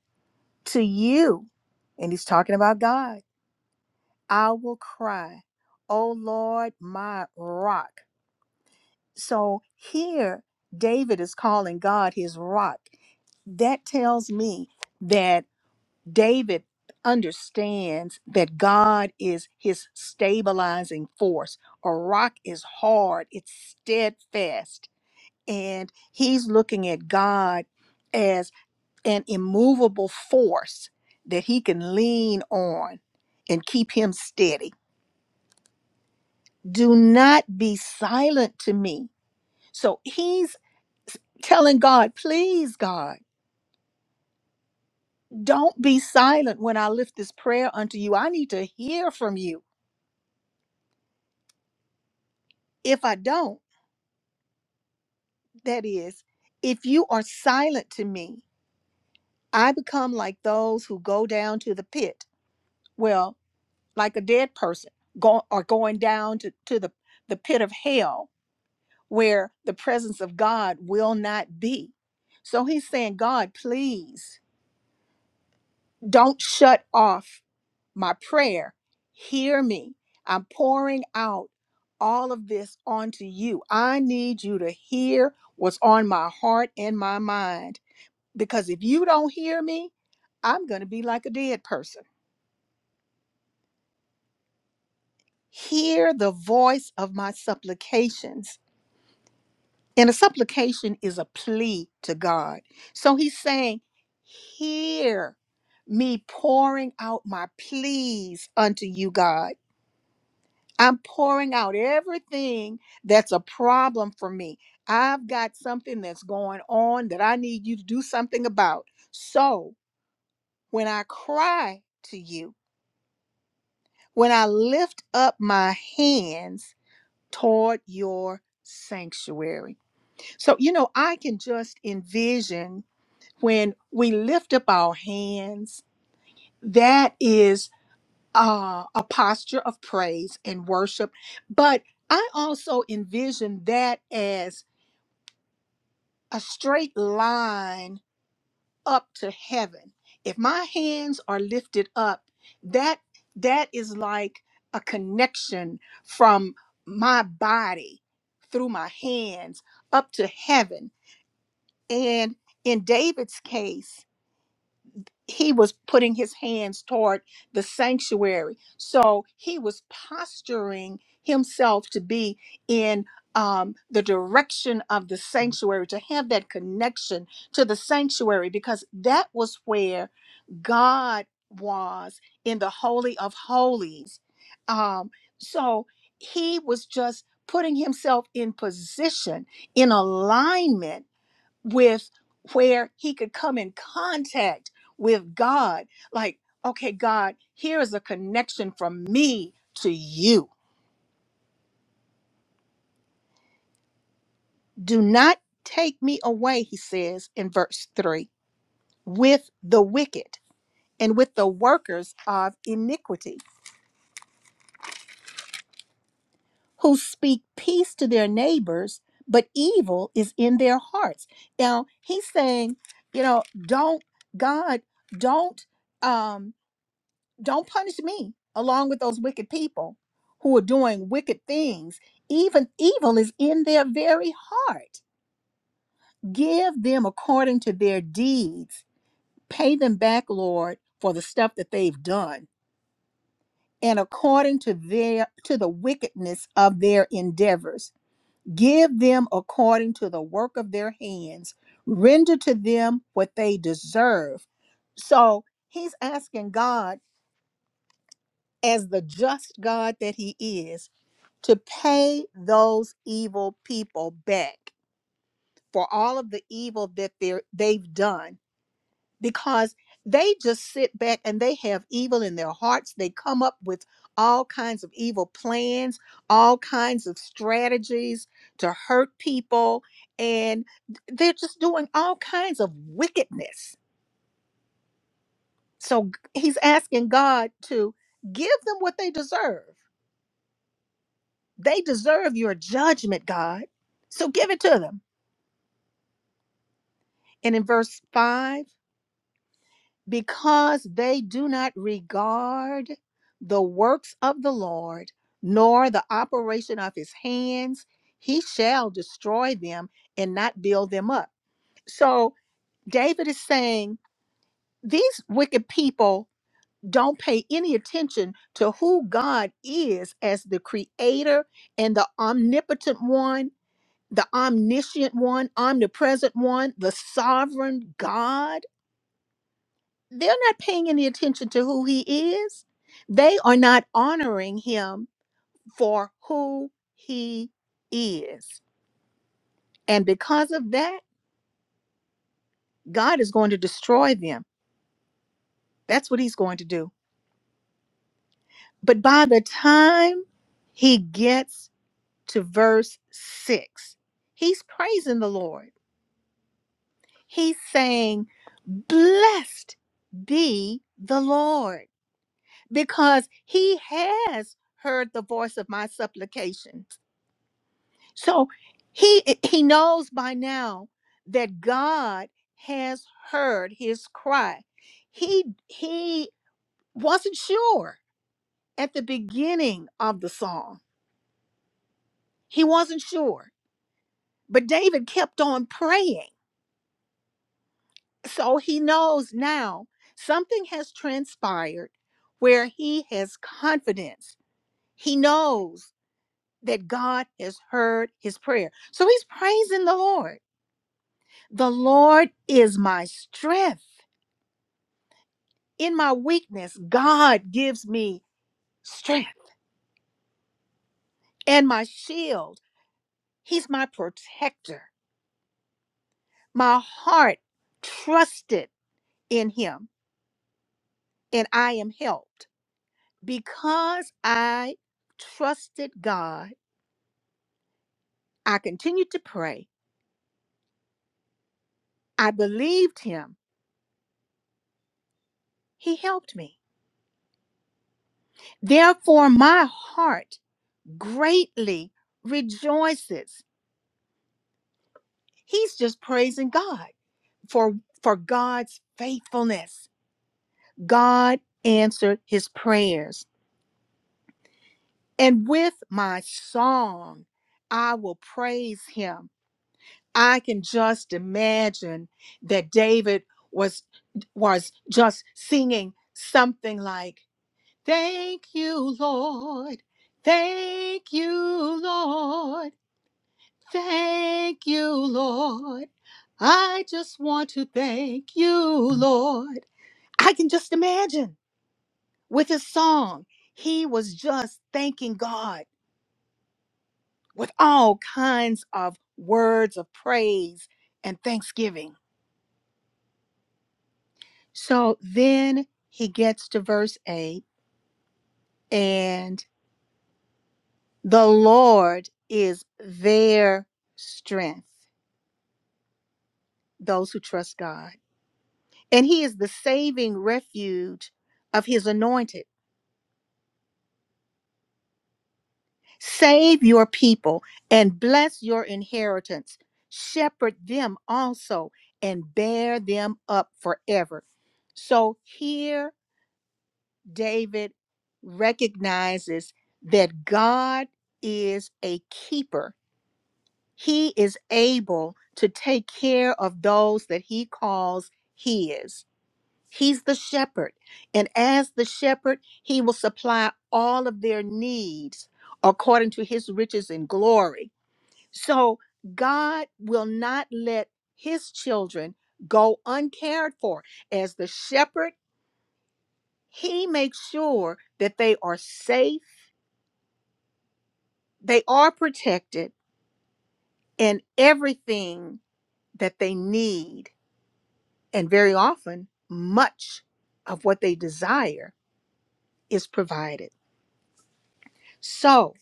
S1: To you, and he's talking about God, I will cry, O Lord, my rock. So here, David is calling God his rock. That tells me that David understands that God is his stabilizing force. A rock is hard, it's steadfast and he's looking at God as an immovable force that he can lean on and keep him steady. Do not be silent to me. So he's telling God, please, God, don't be silent when I lift this prayer unto you. I need to hear from you. If I don't, that is, if you are silent to me, I become like those who go down to the pit. Well, like a dead person go, or going down to, to the, the pit of hell where the presence of God will not be. So he's saying, God, please don't shut off my prayer. Hear me. I'm pouring out all of this onto you. I need you to hear what's on my heart and my mind. Because if you don't hear me, I'm going to be like a dead person. Hear the voice of my supplications And a supplication is a plea to God. So he's saying, Hear me pouring out my pleas unto you, God. I'm pouring out everything that's a problem for me. I've got something that's going on that I need you to do something about. So when I cry to you, when I lift up my hands toward your sanctuary. So, you know, I can just envision when we lift up our hands, that is uh, a posture of praise and worship. But I also envision that as a straight line up to heaven. If my hands are lifted up, that that is like a connection from my body through my hands up to heaven. And in David's case, he was putting his hands toward the sanctuary. So he was posturing himself to be in um, the direction of the sanctuary, to have that connection to the sanctuary, because that was where God was in the Holy of Holies. Um, so he was just putting himself in position, in alignment with where he could come in contact with God. Like, okay, God, here is a connection from me to you. Do not take me away, he says in verse 3, with the wicked and with the workers of iniquity, who speak peace to their neighbors, but evil is in their hearts. Now, he's saying, you know, don't, God, don't. um. don't punish me along with those wicked people who are doing wicked things. Even evil is in their very heart. Give them according to their deeds. Pay them back, Lord, for the stuff that they've done and according to their to the wickedness of their endeavors. Give them according to the work of their hands. Render to them what they deserve. So, he's asking God as the just God that he is to pay those evil people back for all of the evil that they're, they've done because they just sit back and they have evil in their hearts. They come up with all kinds of evil plans, all kinds of strategies to hurt people, and they're just doing all kinds of wickedness. So g- he's asking God to give them what they deserve. They deserve your judgment, God. So give it to them And in verse 5, because they do not regard the works of the Lord, nor the operation of his hands, he shall destroy them and not build them up. So David is saying these wicked people don't pay any attention to who God is as the creator and the omnipotent one, the omniscient one, omnipresent one, the sovereign God they're not paying any attention to who he is. They are not honoring him for who he is. And because of that, God is going to destroy them. That's what he's going to do. But by the time he gets to verse six, he's praising the Lord. He's saying, Blessed be the Lord, because he has heard the voice of my supplication So he eh, he knows by now that God has heard his cry. He he wasn't sure at the beginning of the song. He wasn't sure, but David kept on praying. So he knows now something has transpired where he has confidence. He knows that God has heard his prayer. So he's praising the Lord. The Lord is my strength. In my weakness, God gives me strength and my shield. He's my protector. My heart trusted in him, and I am helped. Because I trusted God, I continued to pray. I believed him. He helped me. Therefore, my heart greatly rejoices. He's just praising God for, for God's faithfulness God answered his prayers. And with my song, I will praise him. I can just imagine that David was was just singing something like, "Thank you, Lord. Thank you, Lord. Thank you, Lord. I just want to thank you, Lord." I can just imagine. with his song. He was just thanking God with all kinds of words of praise and thanksgiving. So then he gets to verse 8, and the Lord is their strength, those who trust God. And he is the saving refuge of his anointed. Save your people and bless your inheritance. Shepherd them also and bear them up forever. So here David recognizes that God is a keeper. He is able to take care of those that he calls his. He's the shepherd. And as the shepherd, he will supply all of their needs according to his riches and glory. So God will not let his children go uncared for. As the shepherd, he makes sure that they are safe, they are protected, and everything that they need, and very often, much of what they desire is provided. So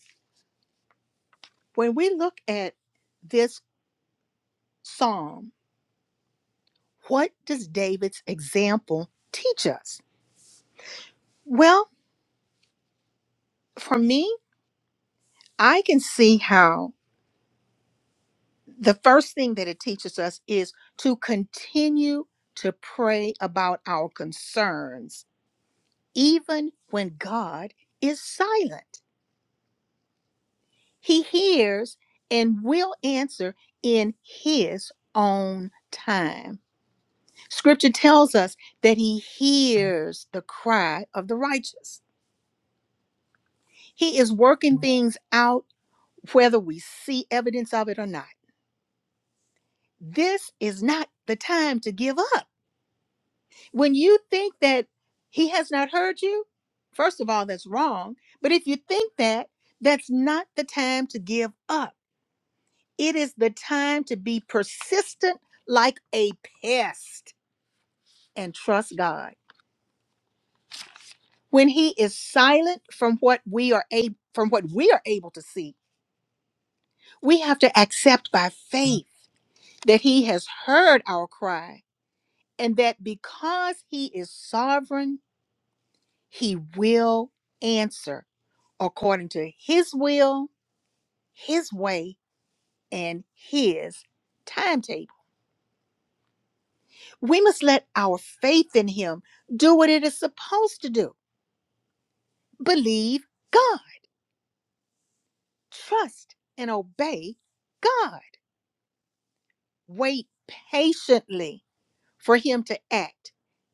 S1: when we look at this psalm, what does David's example teach us? Well, for me, I can see how the first thing that it teaches us is to continue to pray about our concerns, even when God is silent. He hears and will answer in His own time. Scripture tells us that He hears the cry of the righteous, He is working things out whether we see evidence of it or not. This is not the time to give up when you think that he has not heard you, first of all, that's wrong. But if you think that, that's not the time to give up. It is the time to be persistent like a pest and trust God. When he is silent from what we are able from what we are able to see, we have to accept by faith that he has heard our cry and that because he is sovereign, he will answer according to His will, His way, and His timetable. We must let our faith in Him do what it is supposed to do believe God, trust and obey God, wait patiently for Him to act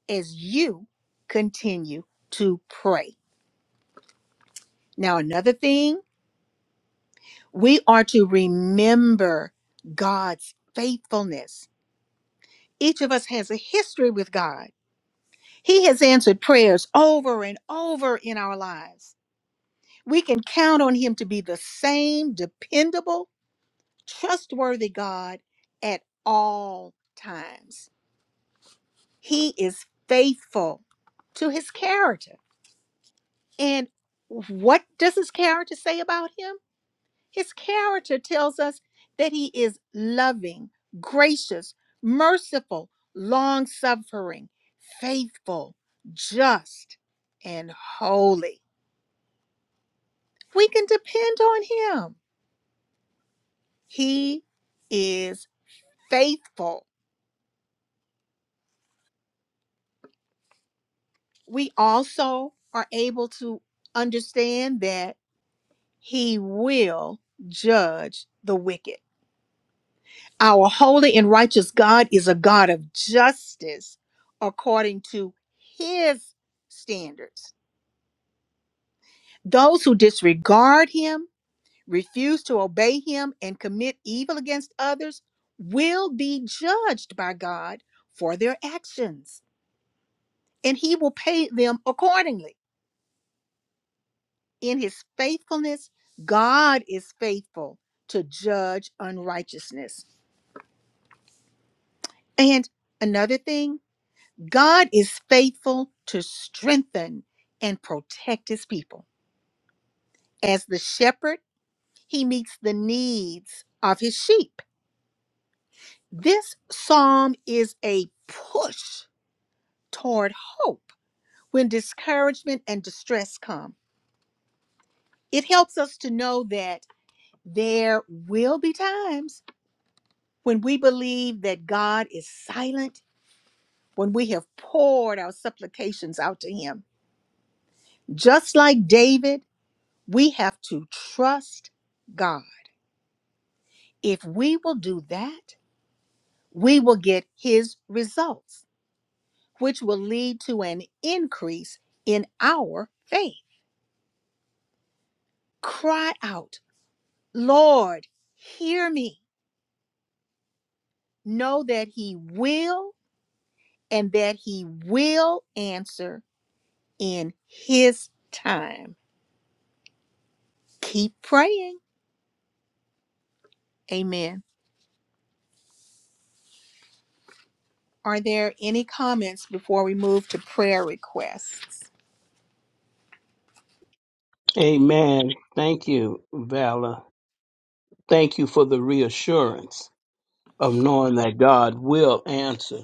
S1: as you continue to pray. Now, another thing, we are to remember God's faithfulness. Each of us has a history with God. He has answered prayers over and over in our lives. We can count on Him to be the same dependable, trustworthy God at all times. He is faithful to His character. And what does His character say about Him? His character tells us that He is loving, gracious, merciful, long suffering, faithful, just, and holy. We can depend on him. He is faithful. We also are able to understand that he will judge the wicked. Our holy and righteous God is a God of justice according to his standards. Those who disregard him, refuse to obey him, and commit evil against others will be judged by God for their actions. and he will pay them accordingly. In his faithfulness, God is faithful to judge unrighteousness. And another thing, God is faithful to strengthen and protect his people. As the shepherd, he meets the needs of his sheep. This psalm is a push toward hope when discouragement and distress come. It helps us to know that there will be times when we believe that God is silent, when we have poured our supplications out to Him, just like David, we have to trust God. If we will do that, we will get His results, which will lead to an increase in our faith. Cry out, Lord, hear me. Know that He will and that He will answer in His time. Keep praying Amen. Are there any comments before we move to prayer requests?
S4: Amen. Thank you, Valor. Thank you for the reassurance of knowing that God will answer.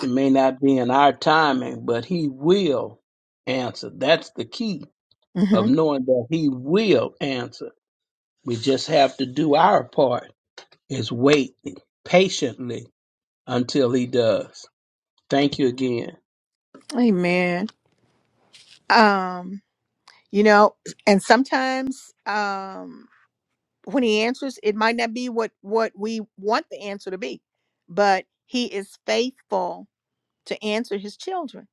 S4: It may not be in our timing, but He will answer. That's the key
S1: hmm
S4: of knowing that He will answer. We just have to do our part is wait patiently until he does. Thank you again.
S1: Amen. Um, you know, and sometimes um, when he answers, it might not be what what we want the answer to be, but he is faithful to answer his children.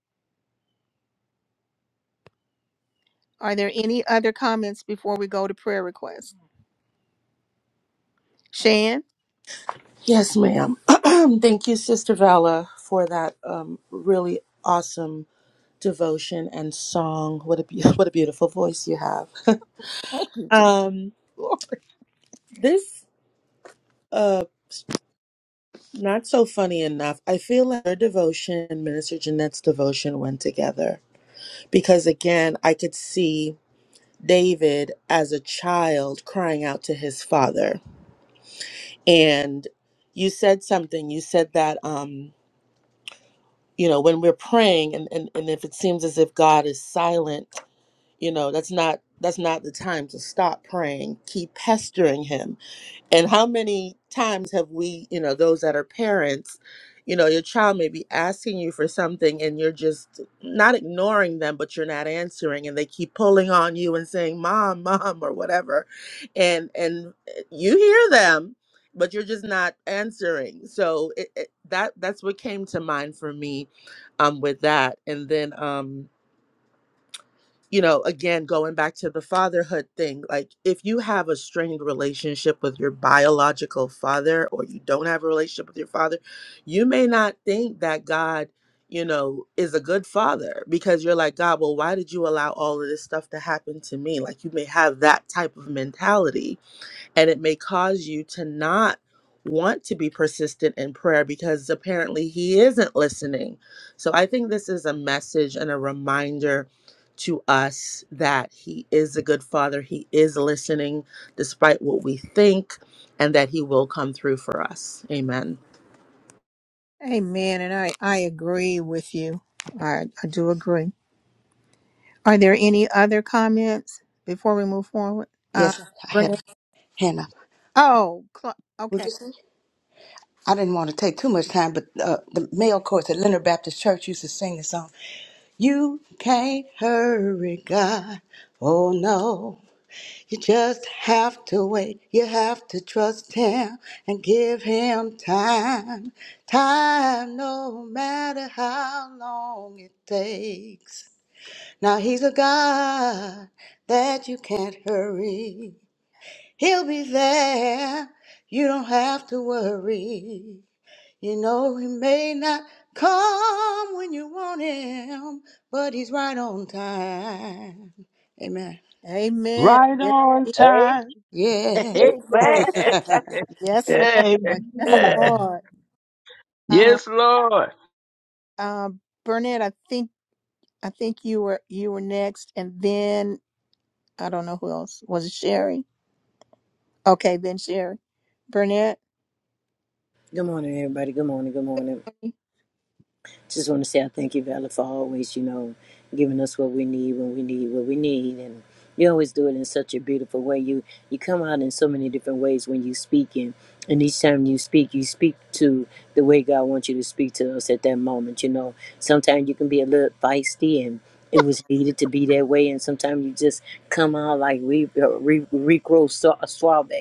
S1: Are there any other comments before we go to prayer requests? Shan,
S11: Yes, ma'am. [CLEARS THROAT] Thank you, Sister Vala, for that um, really awesome devotion and song. What a be- [LAUGHS] what a beautiful voice you have. [LAUGHS]
S1: to the
S11: um,
S1: floor.
S11: this uh, not so funny enough. I feel like her devotion and Minister Jeanette's devotion went together because again, I could see David as a child crying out to his father, and you said something. You said that. Um, you know when we're praying and, and and if it seems as if god is silent you know that's not that's not the time to stop praying keep pestering him and how many times have we, you know, those that are parents, you know, your child may be asking you for something and you're just not ignoring them, but you're not answering and they keep pulling on you and saying, "Mom, mom" or whatever. And and eh, you hear them, but you're just not answering. So it, it, that that's what came to mind for me um with that. And then um you know, again, going back to the fatherhood thing, like if you have a strained relationship with your biological father or you don't have a relationship with your father, you may not think that God, you know, is a good father because you're like, God, well, why did you allow all of this stuff to happen to me? Like you may have that type of mentality and it may cause you to not want to be persistent in prayer because apparently he isn't listening. So I think this is a message and a reminder to us that he is a good father, he is listening despite what we think and that he will come through for us. Amen.
S1: Amen. And I I agree with you. I I do agree. Are there any other comments before we move forward? Uh,
S3: Yes, I had
S1: Brenda.
S3: a hand up.
S1: Oh, Cla-
S3: Would
S1: okay.
S3: you say? I didn't want to take too much time, but uh, the male chorus at Leonard Baptist Church used to sing the song, You can't hurry God. Oh no. You just have to wait. You have to trust Him and give Him time. Time, no matter how long it takes. Now He's a God that you can't hurry. He'll be there. You don't have to worry. You know he may not come when you want him, but he's right on time. Amen.
S1: Amen.
S4: Right
S1: Yes,
S4: on
S5: Hey,
S4: time. [LAUGHS]
S3: Yeah.
S5: hey
S4: Amen.
S5: man. [LAUGHS]
S1: yes,
S4: [LAUGHS]
S1: Lord. Yes,
S6: Amen.
S1: Lord. Uh,
S4: yes, Lord.
S1: uh, Burnett, I think I think you were you were next, and then I don't know who else was it. Sherry. Okay, then Sherry. Burnett.
S12: Good morning, everybody. Good morning. Good morning. Just want to say I thank you, Valor, for always, you know, giving us what we need when we need what we need, and you always do it in such a beautiful way. You you come out in so many different ways when you speak, and and each time you speak, you speak to the way God wants you to speak to us at that moment. You know, sometimes you can be a little feisty, and it was needed to be that way, and sometimes you just come out like we uh, re, re, suave.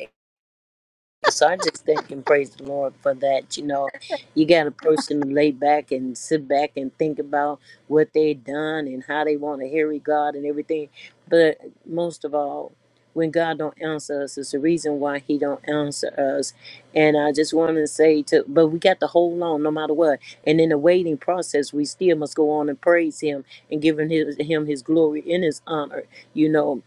S12: So I just thank and praise the Lord for that. You know, you got a person to lay back and sit back and think about what they done and how they want to hear God and everything. But most of all, when God don't answer us, it's the reason why He don't answer us. And I just want to say to, but we got to hold on no matter what. And in the waiting process, we still must go on and praise Him and giving his, Him His glory and His honor. You know,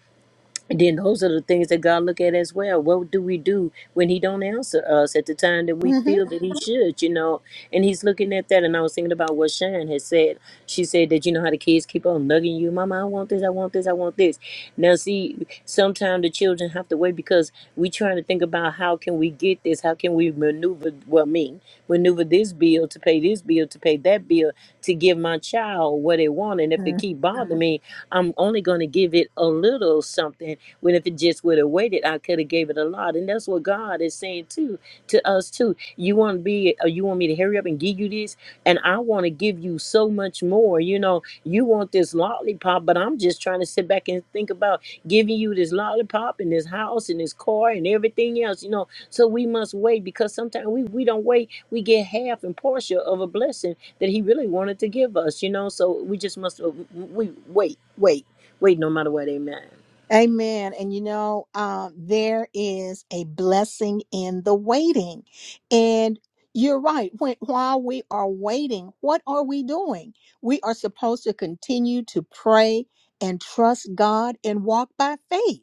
S12: and then those are the things that God look at as well. What do we do when He don't answer us at the time that we
S1: Mm-hmm.
S12: feel that He should, you know? And He's looking at that, and I was thinking about what Sharon had said. She said that you know how the kids keep on nugging you, Mama, I want this, I want this, I want this. Now, see, sometimes the children have to wait because we trying to think about how can we get this, how can we maneuver, well, me maneuver this bill to pay this bill to pay that bill to give my child what they want, and if it keep bothering me, I'm only going to give it a little something when if it just would have waited, I could have gave it a lot. And that's what God is saying too to us too. You want to be, uh, you want me to hurry up and give you this, and I want to give you so much more. You know, you want this lollipop, but I'm just trying to sit back and think about giving you this lollipop and this house and this car and everything else. You know, so we must wait because sometimes we we don't wait. We get half and portion of a blessing that He really wanted to give us. You know, so we just must uh, we wait, wait, wait, no matter what. Amen.
S1: Amen. And you know, um, there is a blessing in the waiting. And you're right. When, while we are waiting, what are we doing? We are supposed to continue to pray and trust God and walk by faith.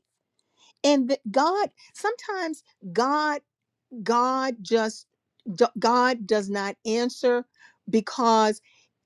S1: And that God, sometimes God God just d- God does not answer because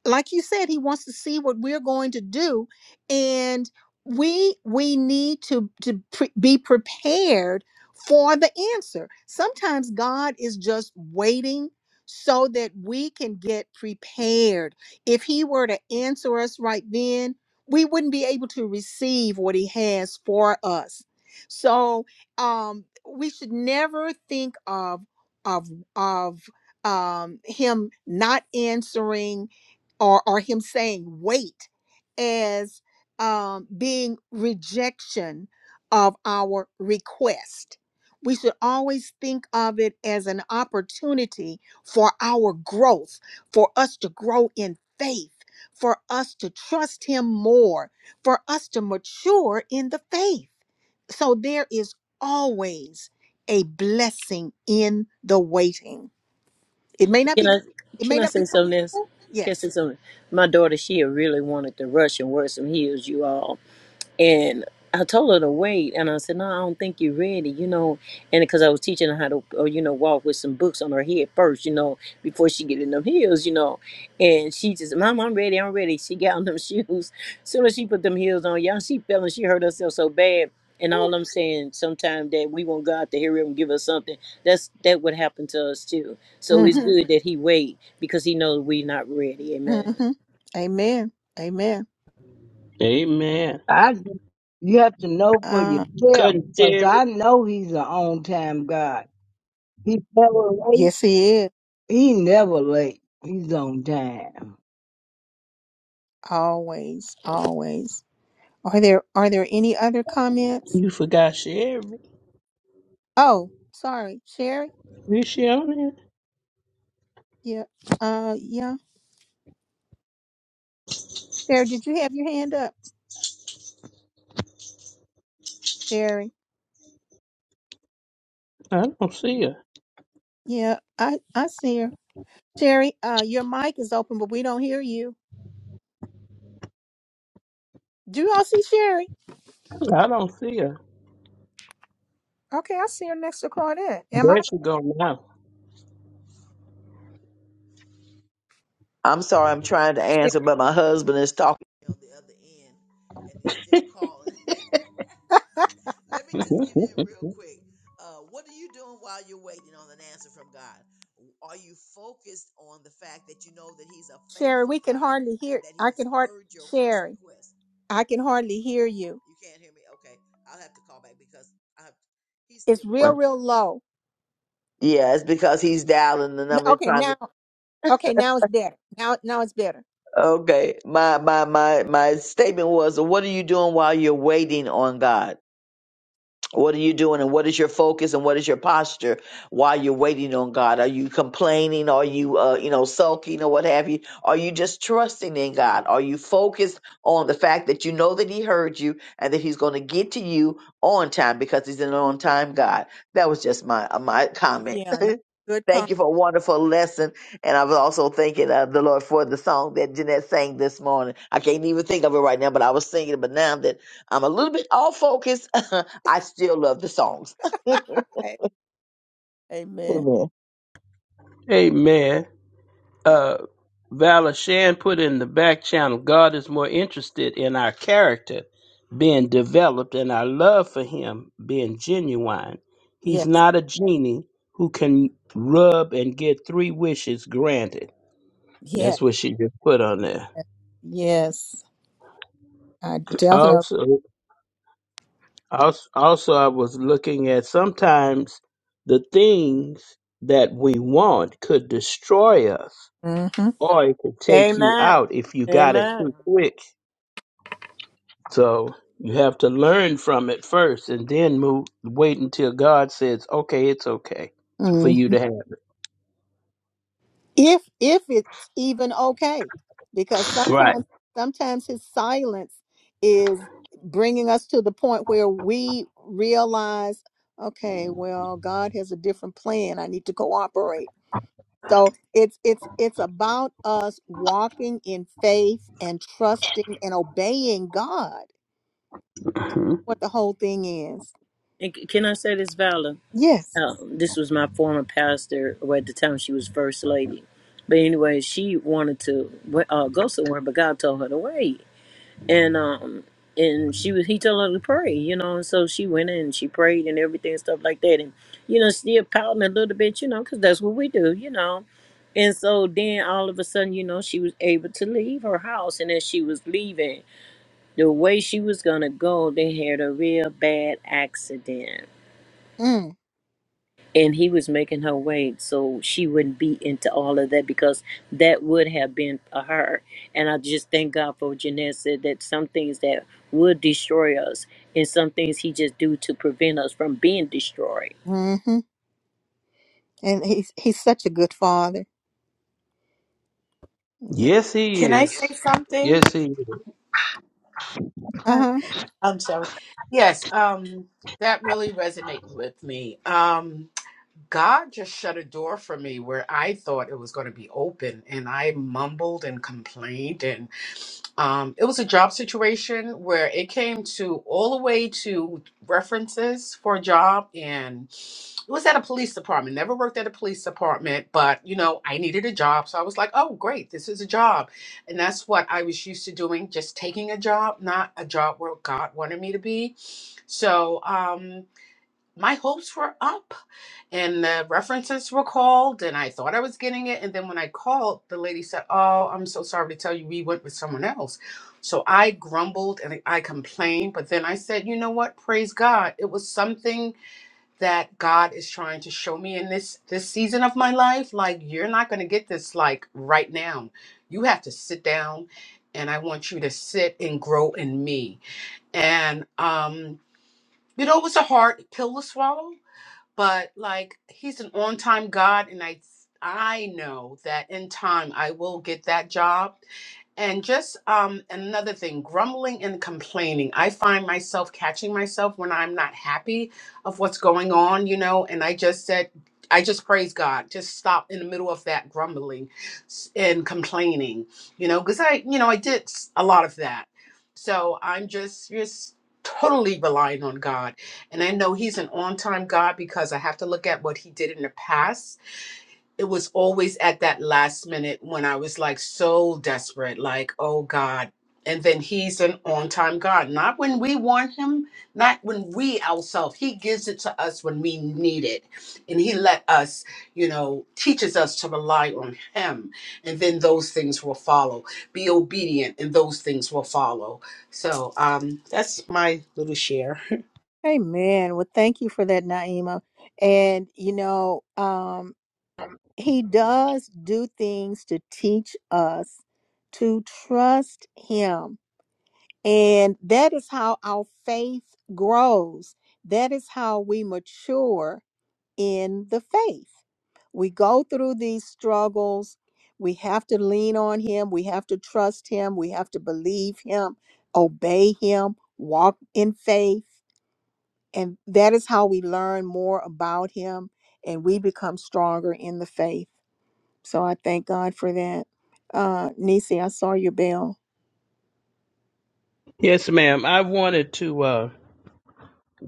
S1: like you said he wants to see what we're going to do and we we need to to pre- be prepared for the answer. Sometimes God is just waiting so that we can get prepared. If he were to answer us right then, we wouldn't be able to receive what he has for us. So, um we should never think of of of um him not answering or or him saying wait as um being rejection of our request we should always think of it as an opportunity for our growth for us to grow in faith for us to trust him more for us to mature in the faith so there is always a blessing in the waiting. It may not
S12: Can
S1: be
S12: I
S1: it may
S12: can I
S1: not be
S12: say something else?
S1: possible.
S12: Can I
S1: Yes.
S12: say something? My daughter, she really wanted to rush and wear some heels, you all. And I told her to wait, and I said, "No, I don't think you're ready." You know, and because I was teaching her how to, or, you know, walk with some books on her head first, you know, before she get in them heels, you know. And she just, "Mom, I'm ready. I'm ready." [LAUGHS] She got on them [LAUGHS] shoes. Soon as she put them heels on, y'all, she fell and she hurt herself so bad. And
S1: Ooh.
S12: all I'm saying, sometimes that we want God to hear him give us something. That's that would happen to us too. So it's
S1: Mhm.
S12: good that He wait because He knows we're not ready. Amen.
S1: Mhm. Amen. Amen.
S4: Amen.
S6: I, you have to know for
S1: Uh
S6: yourself.
S4: Cousin
S6: 'Cause
S4: Sherry,
S6: I know he's an on time God. He's never late.
S1: yes he is.
S6: He never late. He's on time.
S1: Always, always. Are there are there any other comments?
S4: you forgot Sherry.
S1: Oh, sorry. Sherry?
S4: Is she on there?
S1: Yeah. Uh yeah. Sherry, did you have your hand up? Sherry.
S4: I don't see her.
S1: Yeah, I I see her. Sherry, uh your mic is open but we don't hear you. Do y'all see Sherry?
S4: I don't see her.
S1: Okay, I see her next to Claudette. Am I
S4: There she go now.
S5: I'm sorry, I'm trying to
S1: Sh-
S5: answer, but my husband is talking on the other end, and he's still calling. [LAUGHS] Let me just get in
S4: [LAUGHS]
S5: real quick. Uh, what are you doing while you're waiting on an answer from God? Are you focused on the fact that you know that He's a
S1: Sherry?
S5: faithful
S1: We can
S5: God
S1: hardly
S5: and
S1: hear.
S5: that
S1: I
S5: He's
S1: can hard
S5: heard your first
S1: Sherry.
S5: request?
S1: I can hardly hear you.
S5: You can't hear me? Okay, I'll have to call back because I have, he's
S1: It's real,
S5: still.
S1: real low.
S5: Yeah, it's because he's dialing the
S1: N-
S5: number
S1: Okay,
S5: trying to
S1: now. Okay, now it's better. Now, now it's better.
S5: Okay. My my my my statement was what are you doing while you're waiting on God? What are you doing and what is your focus and what is your posture while you're waiting on God? Are you complaining? Are you uh you know sulking or what have you? Are you just trusting in God? Are you focused on the fact that you know that he heard you and that he's going to get to you on time because he's an on time God? That was just my uh, my comment.
S1: Yeah,
S5: [LAUGHS]
S1: n- good
S5: Thank
S1: comment.
S5: you for a wonderful lesson. And I was also thanking uh, the Lord for the song that Jeanette sang this morning. I can't even think of it right now, but I was singing it. But now that I'm a little bit off focus, [LAUGHS] I still love the songs.
S1: Amen.
S5: Amen. [LAUGHS]
S4: Amen.
S1: Uh,
S4: uh, Valor Shan put in the back channel, God is more interested in our character being developed and our love for Him being genuine. He's
S1: Yes,
S4: not a genie who can rub and get three wishes granted.
S1: yes,
S4: That's what she just put on there.
S1: yes. I definitely.
S4: Also, also, also I was looking at sometimes the things that we want could destroy us
S1: Mm-hmm.
S4: or it could take you
S12: Amen.
S4: out if you got it
S12: Amen.
S4: too quick So you have to learn from it first and then move wait until God says, Okay, it's okay for
S1: mm-hmm.
S4: you to have.
S1: if if it's even okay because
S4: Right.
S1: sometimes sometimes his silence is bringing us to the point where we realize okay well god has a different plan i need to cooperate so it's it's it's about us walking in faith and trusting and obeying god
S4: hmm
S1: what the whole thing is
S12: And c- can I say this, Valor?
S1: yes
S12: um, this was my former pastor, or at the time she was first lady. But anyway, she wanted to uh, go somewhere, but God told her to wait. And um, and she was he told her to pray, you know. And so she went in and she prayed and everything and stuff like that, and you know, still pouting a little bit, you know, because that's what we do, you know. And so then all of a sudden, you know, she was able to leave her house, and as she was leaving, the way she was gonna go, they had a real bad accident
S1: mm,
S12: and he was making her wait so she wouldn't be into all of that because that would have been for her. And I just thank God for what Jeanette said that some things that would destroy us and some things he just do to prevent us from being destroyed.
S1: hmm and he's he's such a good father yeah.
S4: Yes he
S7: Can I say
S4: is.
S7: something?
S4: Yes he is.
S7: Uh,
S1: Uh-huh.
S7: I'm sorry. Yes, um, that really resonated with me. Um, God just shut a door for me where I thought it was going to be open, and I mumbled and complained, Um, it was a job situation where it came to all the way to references for a job, and it was at a police department. Never worked at a police department, but you know, I needed a job, so I was like, "Oh, great, this is a job," and that's what I was used to doing—just taking a job, not a job where God wanted me to be. So, um, my hopes were up and the references were called and I thought I was getting it. And then when I called, the lady said, Oh, I'm so sorry to tell you, we went with someone else. So I grumbled and I complained. But then I said, you know what? Praise God. It was something that God is trying to show me in this this season of my life. Like you're not gonna get this like right now. You have to sit down and I want you to sit and grow in me. And um, you know, it was a hard pill to swallow but like he's an on-time god and i i know that in time i will get that job and just um, another thing, grumbling and complaining. I find myself catching myself when I'm not happy of what's going on, you know, and I just said, I just praise God. Just stop in the middle of that grumbling s- and complaining, you know, because I, you know, I did s- a lot of that. So I'm just, just totally relying on God. And I know He's an on time God because I have to look at what He did in the past it was always at that last minute when I was like so desperate, like, oh God. And then he's an on time God. Not when we want him, not when we ourselves. He gives it to us when we need it. And he let us, you know, teaches us to rely on him. And then those things will follow. Be obedient and those things will follow. So um that's my little share.
S1: Amen. Well, thank you for that, Naima. And you know, um, he does do things to teach us to trust him. And that is how our faith grows. That is how we mature in the faith. We go through these struggles. We have to lean on him. We have to trust him. We have to believe him, obey him, walk in faith and that is how we learn more about him and we become stronger in the faith. So I thank God for that. Uh Nisi, I saw your bell.
S4: Yes, ma'am. I wanted to uh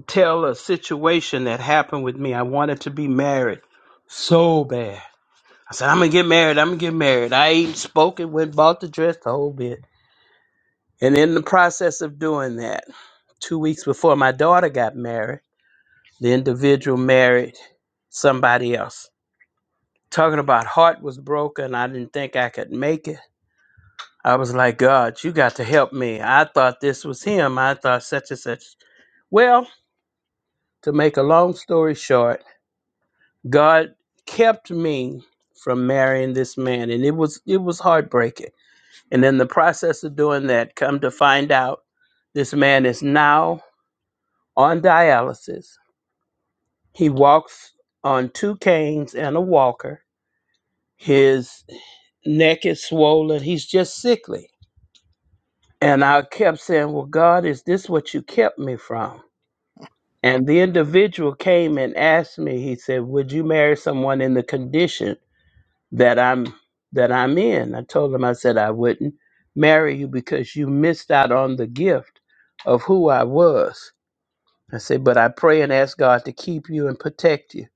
S4: tell a situation that happened with me. I wanted to be married so bad. I said, I'm gonna get married, I'm gonna get married. I ain't spoken, went bought the dress, the whole bit. And in the process of doing that, two weeks before my daughter got married. The individual married somebody else. Talking about heart was broken. I didn't think I could make it. I was like, God, you got to help me. I thought this was him. I thought such and such. Well, to make a long story short, God kept me from marrying this man and it was it was heartbreaking. And in the process of doing that, come to find out this man is now on dialysis. He walks on two canes and a walker. His neck is swollen. He's just sickly. And I kept saying, Well, God, is this what you kept me from? And the individual came and asked me, he said, Would you marry someone in the condition that I'm that I'm in? I told him I said I wouldn't marry you because you missed out on the gift of who I was. I said, but I pray and ask God to keep you and protect you.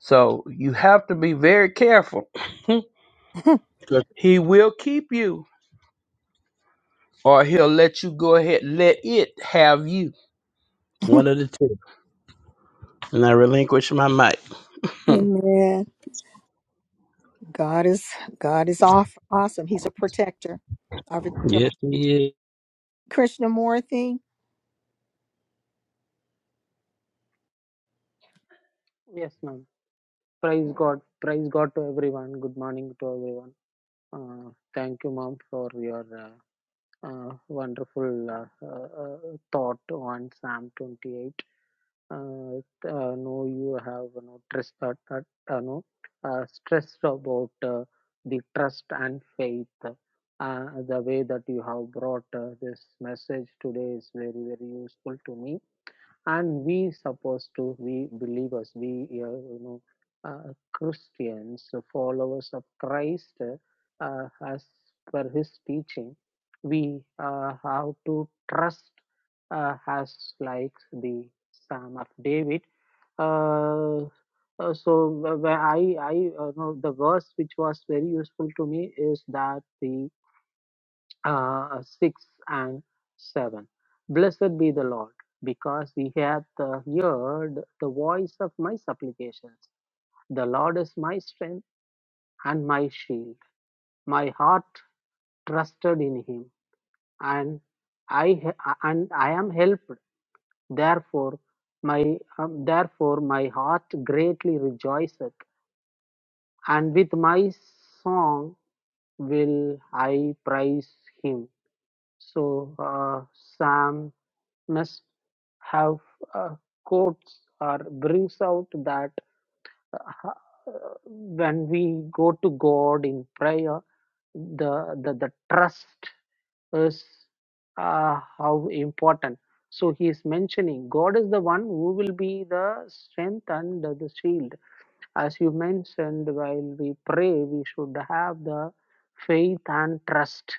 S4: So you have to be very careful. [LAUGHS] 'Cause he will keep you or he'll let you go ahead, let it have you.
S1: [LAUGHS]
S4: One of the two. And I relinquish my mic. [LAUGHS]
S1: Amen. God is God is off awesome. He's a protector of his
S4: yes,
S1: children.
S4: he is.
S1: Krishnamurthy,
S13: Yes, ma'am. Praise God. Praise God to everyone. Good morning to everyone. Uh, thank you, ma'am, for your uh, uh, wonderful uh, uh, uh, thought on Psalm 28. Uh, uh, no, you have you know, stressed, uh, uh, no, uh, stressed about uh, the trust and faith. Uh, the way that you have brought uh, this message today is very, very useful to me and we supposed to we believers we uh, you know uh, christians uh, followers of christ uh, as per his teaching we uh, have to trust uh, as like the psalm of david uh, uh, so wh- wh- i i uh, know the verse which was very useful to me is that the uh, 6 and 7. Blessed be the Lord, because he hath uh, heard the voice of my supplications. The Lord is my strength and my shield. My heart trusted in him, and I and I am helped. Therefore, my um, therefore my heart greatly rejoiceth, and with my song will I praise him. So, uh, Psalm must have uh, quotes or brings out that uh, when we go to God in prayer, the the, the trust is uh, how important. So he is mentioning God is the one who will be the strength and the shield. As you mentioned, while we pray, we should have the faith and trust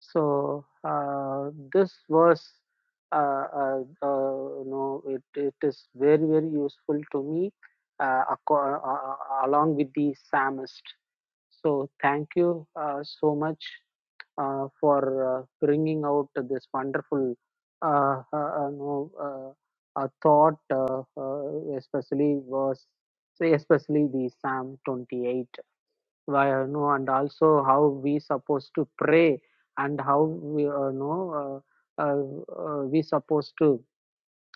S13: so uh, this was, uh, uh, uh, you know, it, it is very very useful to me, uh, aco- uh, uh, uh, along with the psalmist. So thank you uh, so much uh, for uh, bringing out this wonderful, uh, uh, uh, you know, uh, uh, thought, uh, uh, especially was, especially the Psalm 28 why you know and also how we supposed to pray and how we uh, know uh, uh, uh, we supposed to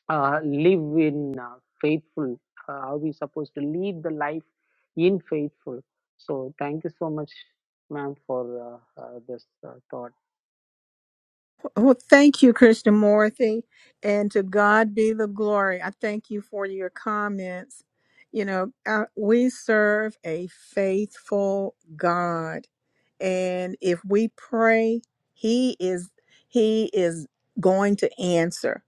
S13: uh, live in uh, faithful uh, how we supposed to lead the life in faithful so thank you so much ma'am for uh, uh, this uh, thought
S1: Oh, thank you, Krishnamurti. And to God be the glory. I thank you for your comments. You know, uh, we serve a faithful God. And if we pray, he is he is going to answer.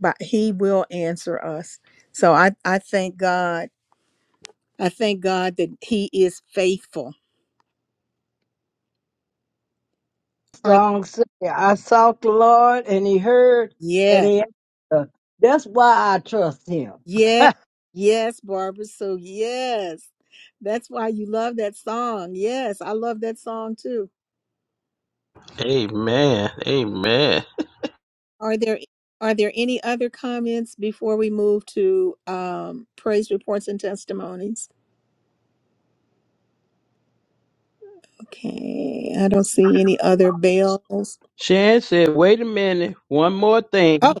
S1: But he will answer us. So I I thank God. I thank God that he is faithful. Are-
S6: Song said, I sought the Lord and he heard
S1: yes.
S6: and he answered. That's why I trust him.
S1: Yeah, yes, Barbara. So yes, that's why you love that song. Yes, I love that song too.
S4: Amen. Amen.
S1: Are there are there any other comments before we move to um, praise reports and testimonies? Okay, I don't see any other bells.
S4: Shan said, wait a minute, one more thing.
S1: Oh,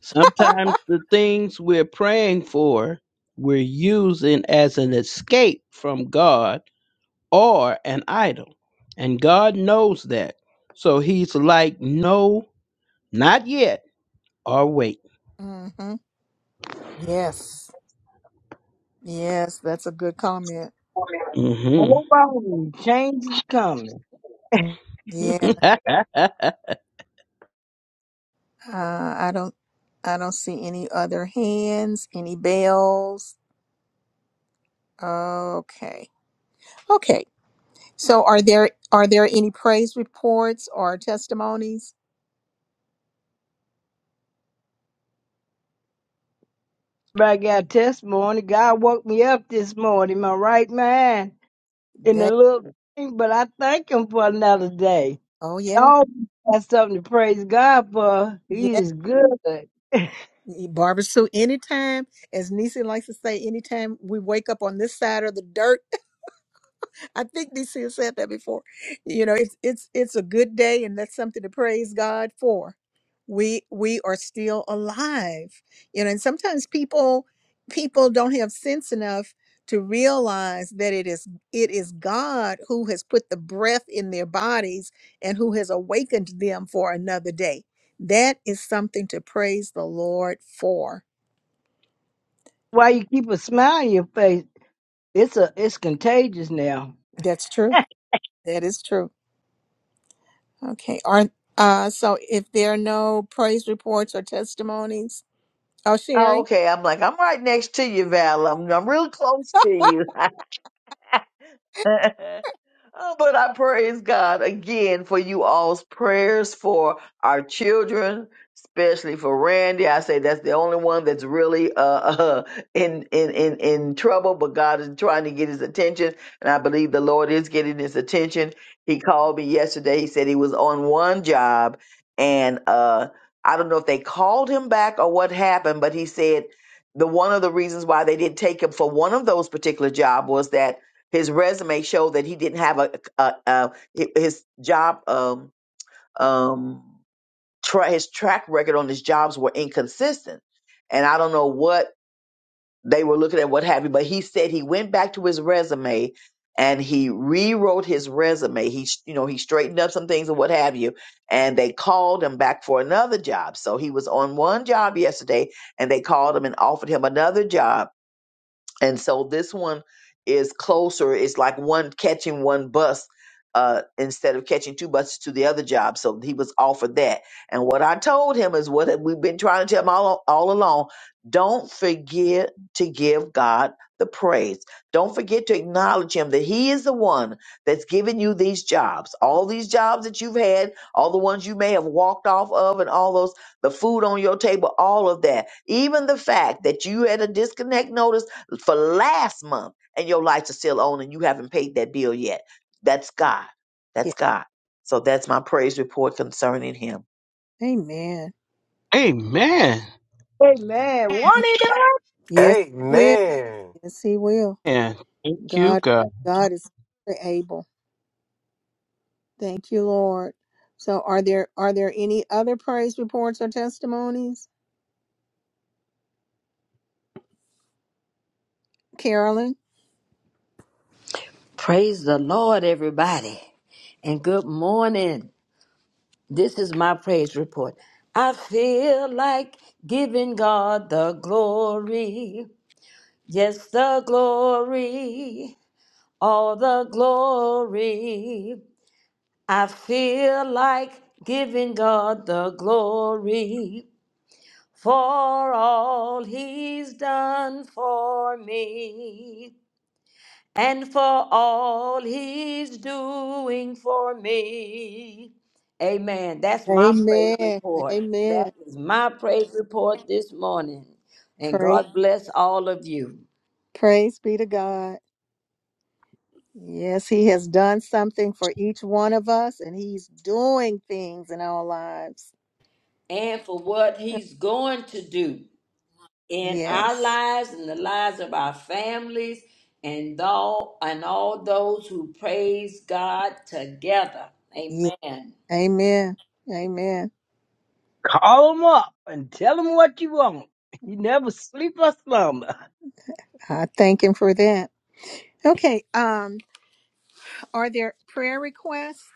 S4: Sometimes the things we're praying for, we're using as an escape from God or an idol. And God knows that. So he's like, no, not yet, or wait.
S1: hmm yes, yes, that's a good comment.
S4: hmm
S6: Hold on. Change is coming.
S1: Yeah,
S4: [LAUGHS]
S1: uh, I don't I don't see any other hands, any bells. Okay. okay. So are there are there any praise reports or testimonies?
S6: But I got testimony. God woke me up this morning, my right mind. in the
S1: That
S6: little thing, but I thank him for another day.
S1: oh
S6: I
S1: yeah.
S6: always got something to praise God for. He
S1: Yeah,
S6: is good. [LAUGHS]
S1: Barbara Sue, anytime, as Nisi likes to say, anytime we wake up on this side of the dirt, I think DC said that before. You know, it's it's it's a good day, and that's something to praise God for. We we are still alive. You know, and sometimes people people don't have sense enough to realize that it is it is God who has put the breath in their bodies and who has awakened them for another day. That is something to praise the Lord for.
S6: Why you keep a smile on your face? It's a it's contagious now.
S1: That's true. That is true. Okay. Are uh so if there are no praise reports or testimonies, oh
S5: Oh,
S1: Sherry.
S5: okay. I'm like, I'm right next to you, Val. I'm, I'm real close to you. [LAUGHS] Oh, But I praise God again for you all's prayers for our children, especially for Randy. I say that's the only one that's really uh, [LAUGHS] uh in, in in in trouble, but God is trying to get his attention, and I believe the Lord is getting his attention. He called me yesterday. He said he was on one job, and uh I don't know if they called him back or what happened, but he said the one of the reasons why they didn't take him for one of those particular job was that his resume showed that he didn't have a, a, a hi- his job um um tra- his track record on his jobs were inconsistent and i don't know what they were looking at what have you but he said he went back to his resume and he rewrote his resume he s- you know he straightened up some things and what have you and they called him back for another job so he was on one job yesterday and they called him and offered him another job and so this one is closer it's like one catching one bus uh, instead of catching two buses to the other job so he was offered that and what i told him is what we've been trying to tell him all, all along don't forget to give god the praise don't forget to acknowledge him that he is the one that's given you these jobs all these jobs that you've had all the ones you may have walked off of and all those the food on your table all of that even the fact that you had a disconnect notice for last month and your lights are still on and you haven't paid that bill yet. That's God.
S1: Yeah.
S5: That's God. So that's my praise report concerning him.
S1: Amen.
S4: Amen.
S6: Hey man, want it up?
S1: Yes, he will.
S14: Amen.
S1: Yes, he will.
S4: And thank you,
S1: God,
S4: God.
S1: God is able. Thank you, Lord. So, are there are there any other praise reports or testimonies? Carolyn.
S10: Praise the Lord, everybody. And good morning. This is my praise report. I feel like giving God the glory. Yes, the glory. All the glory. I feel like giving God the glory for all he's done for me. and for all he's doing for me. Amen. That's my praise
S1: Amen.
S10: report. That
S1: Amen.
S10: is my praise report this morning. And
S1: Praise,
S10: God bless all of you
S1: praise be to God. Yes, He has done something for each one of us, and He's doing things in our lives.
S10: and for what he's going to do in our
S1: Yes.
S10: lives and the lives of our families and all and all those who praise God together.
S1: Yeah.
S10: Amen.
S1: Amen. Amen.
S6: Call him up and tell him what you want. You never sleep or slumber.
S1: I thank Him for that. Okay. Um. Are there prayer requests?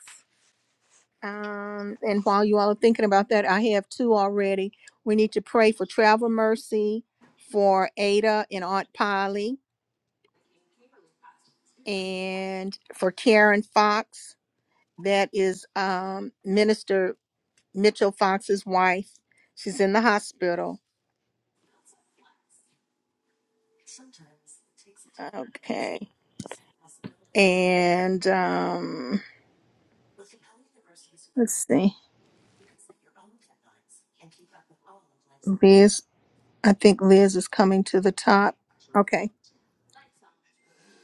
S1: Um, and while you all are thinking about that, I have two already. We need to pray for travel mercy for Ada and Aunt Polly and for Karen Fox. That is um, Minister Mitchell Fox's wife. She's in the hospital. Okay. And um, let's see. Liz, I think Liz is coming to the top. Okay.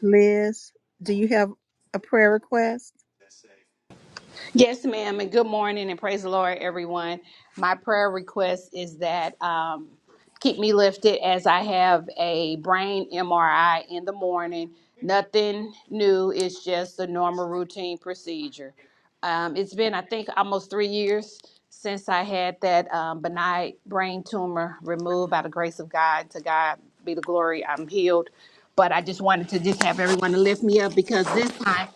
S1: Liz, do you have a prayer request?
S15: Yes, ma'am, and good morning, and praise the Lord, everyone. My prayer request is that um, keep me lifted as I have a brain MRI in the morning. Nothing new, it's just a normal routine procedure. Um, it's been, I think, almost three years since I had that um, benign brain tumor removed by the grace of God. To God be the glory, I'm healed. But I just wanted to just have everyone to lift me up because this time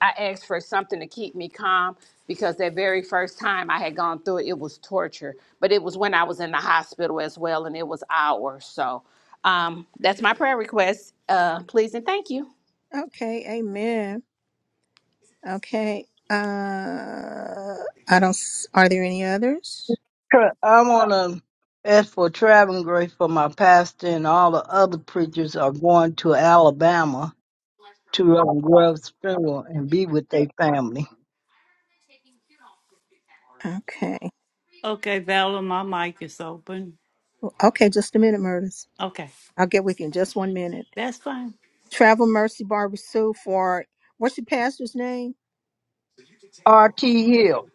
S15: I asked for something to keep me calm because that very first time I had gone through it, it was torture. But it was when I was in the hospital as well, and it was hours. So um, that's my prayer request. Uh, please and thank you.
S1: Okay, amen. Okay. Uh I don't s- are there any others?
S6: Correct. i want to ask for traveling grace for my pastor and all the other preachers are going to Alabama to um, Grove's funeral and be with their family.
S1: Okay.
S16: Okay, Valor, my mic is open.
S1: Okay, just a minute, Murders.
S16: Okay,
S1: I'll get with you in just one minute.
S16: that's fine.
S1: Travel Mercy Barbara Sue for what's your pastor's name?
S6: R.T. Hill.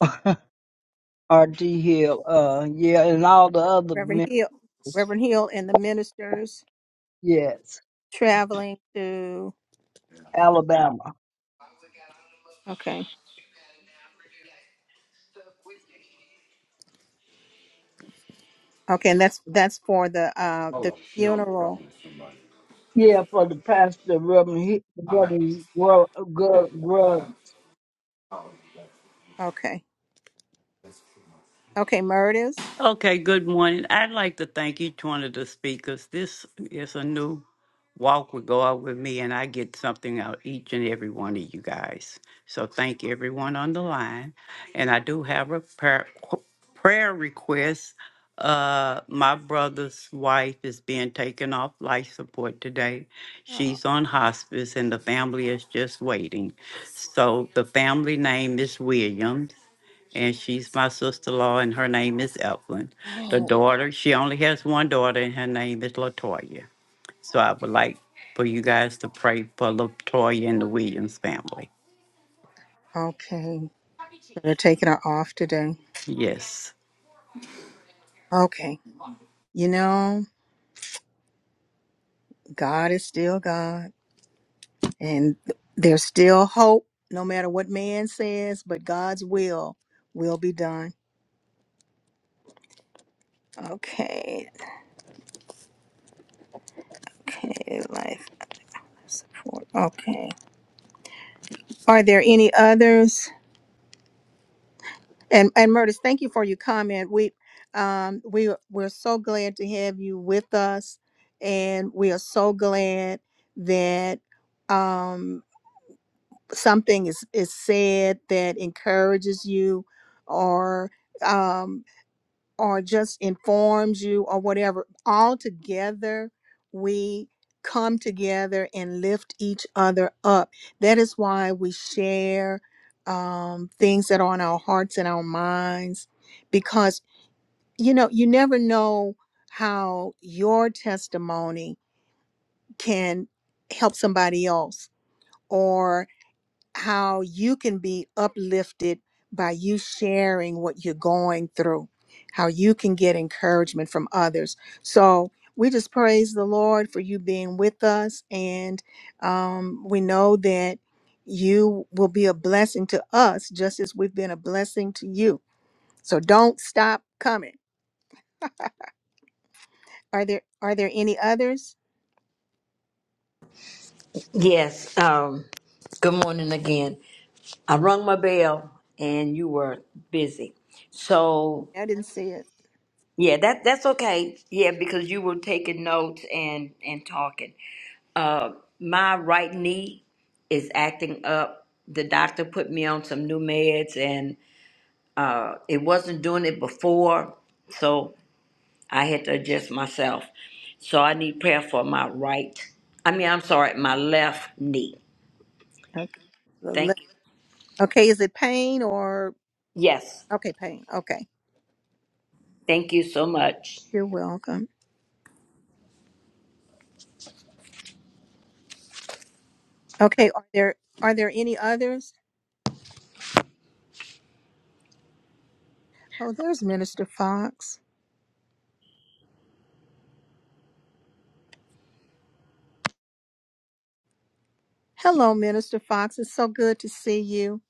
S6: [LAUGHS] R.T. Hill. Uh, yeah, and all the other
S1: Reverend
S6: members.
S1: Hill. Reverend Hill and the ministers
S6: Yes,
S1: traveling to
S6: Alabama.
S1: okay. Okay, and that's that's for the uh the funeral.
S6: Yeah, for the pastor, Reverend, He- Reverend Gr- Gr-
S1: Okay. Okay, Murders.
S16: Okay, good morning. I'd like to thank each one of the speakers. This is a new walk with God with me, and I get something out each and every one of you guys. So thank everyone on the line. And I do have a prayer, qu- prayer request. Uh, my brother's wife is being taken off life support today.
S1: Oh,
S16: She's on hospice, and the family is just waiting. So the family name is Williams and she's my sister-in-law, and her name is Evelyn. The
S1: oh,
S16: daughter, she only has one daughter, and her name is Latoya. So I would like for you guys to pray for Latoya and the Williams family.
S1: okay. So They're taking her off today.
S16: Yes.
S1: Okay. You know, God is still God, and th- there's still hope, no matter what man says, but God's will will be done. Okay. Okay, life support. Okay. Are there any others? And and Murtis, thank you for your comment. We um we we're so glad to have you with us and we are so glad that um something is is said that encourages you or um. or just informs you or whatever, all together we come together and lift each other up. That is why we share um, things that are on our hearts and our minds because, you know, you never know how your testimony can help somebody else or how you can be uplifted by you sharing what you're going through, how you can get encouragement from others. So we just praise the Lord for you being with us. And um, we know that you will be a blessing to us just as we've been a blessing to you. So don't stop coming. Are there are there any others?
S10: Yes. Um good morning again. I rung my bell and you were busy. So
S1: I didn't see it.
S10: yeah, that that's okay. Yeah, because you were taking notes and and talking. Uh, my right knee is acting up. The doctor put me on some new meds, and uh, it wasn't doing it before, so I had to adjust myself. So I need prayer for my right. I mean, I'm sorry, my left knee.
S1: Okay. The le-
S10: Thank you.
S1: Okay, is it pain or
S10: Yes,
S1: okay, pain. Okay.
S10: thank you so much.
S1: You're welcome. Okay, are there are there any others? Oh, there's Minister Fox. Hello, Minister Fox. It's so good to see you.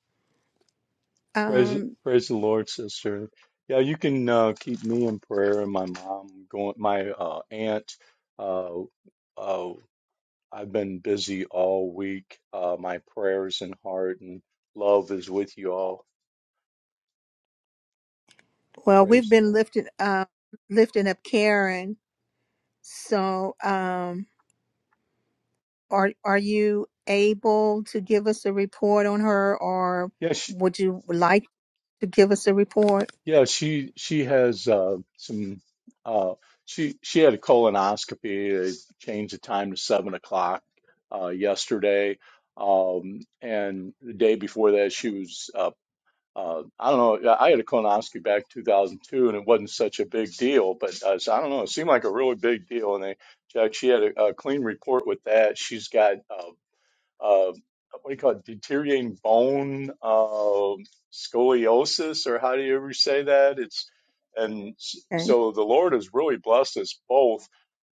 S17: Praise,
S1: Um,
S17: praise the Lord, sister. Yeah, you can uh, keep me in prayer and my mom going, my uh, aunt. Uh, uh, I've been busy all week. Uh, my prayers and heart and love is with you all.
S1: well, we've
S17: Praise the
S1: been
S17: Lord.
S1: lifted uh, lifting up Karen. So, um, are are you able to give us a report on her, or
S17: Yeah, she,
S1: would you like to give us a report?
S17: yeah, she, she has uh, some. Uh, she, she had a colonoscopy. They changed the time to seven o'clock uh, yesterday. Um, and the day before that, she was uh, Uh, I don't know. I had a colonoscopy back in 2002, and it wasn't such a big deal. But uh, so I don't know. It seemed like a really big deal. And they checked. She had a, a clean report with that. She's got uh, uh, what do you call it? Deteriorating bone uh, scoliosis, or how do you ever say that? It's and s-
S1: Okay.
S17: so the Lord has really blessed us both.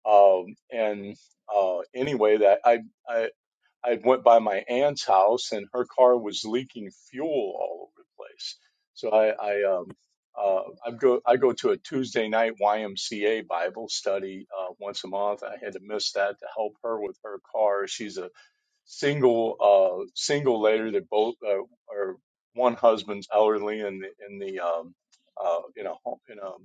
S17: Um, and uh, anyway, that I, I I went by my aunt's house and her car was leaking fuel all over the place. So I, I um uh I go I go to a Tuesday night YMCA Bible study uh, once a month. I had to miss that to help her with her car. She's a single uh single lady that both uh, are one husband's elderly in the in the, um uh in a home in a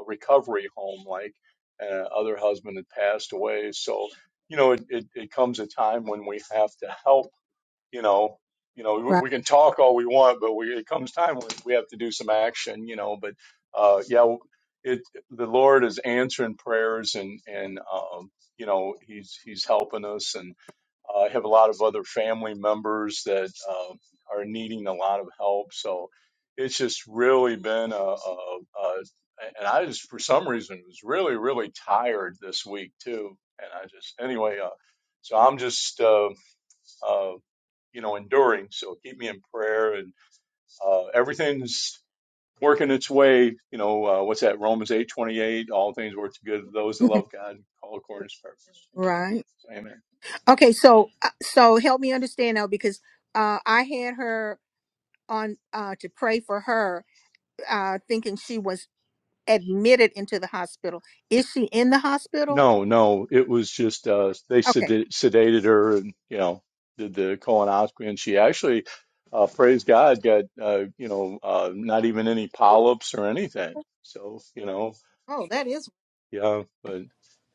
S17: a recovery home like uh, other husband had passed away so you know it, it, it comes a time when we have to help you know you know we,
S1: Right.
S17: we can talk all we want but we, it comes time when we have to do some action you know but uh, yeah it the lord is answering prayers and and um, you know he's he's helping us and. I have a lot of other family members that um, are needing a lot of help. So it's just really been a, a, a, and I just, for some reason, was really, really tired this week too. And I just, anyway, uh, so I'm just, uh, uh, you know, enduring. So keep me in prayer and uh, everything's working its way. You know, uh, what's that? Romans eight twenty eight. All things work together to those that
S1: [LAUGHS]
S17: love God, All call according to His purpose. You know?
S1: Right.
S17: so, amen.
S1: Okay. So, uh, so help me understand now because uh, I had her on uh, to pray for her, uh, thinking she was admitted into the hospital. Is she in the hospital?
S17: No, no, it was just uh, they
S1: Okay.
S17: sedated, sedated her and you know did the colonoscopy, and she actually, uh, praise God, got uh, you know uh, not even any polyps or anything. So you know,
S1: Oh, that is
S17: yeah, but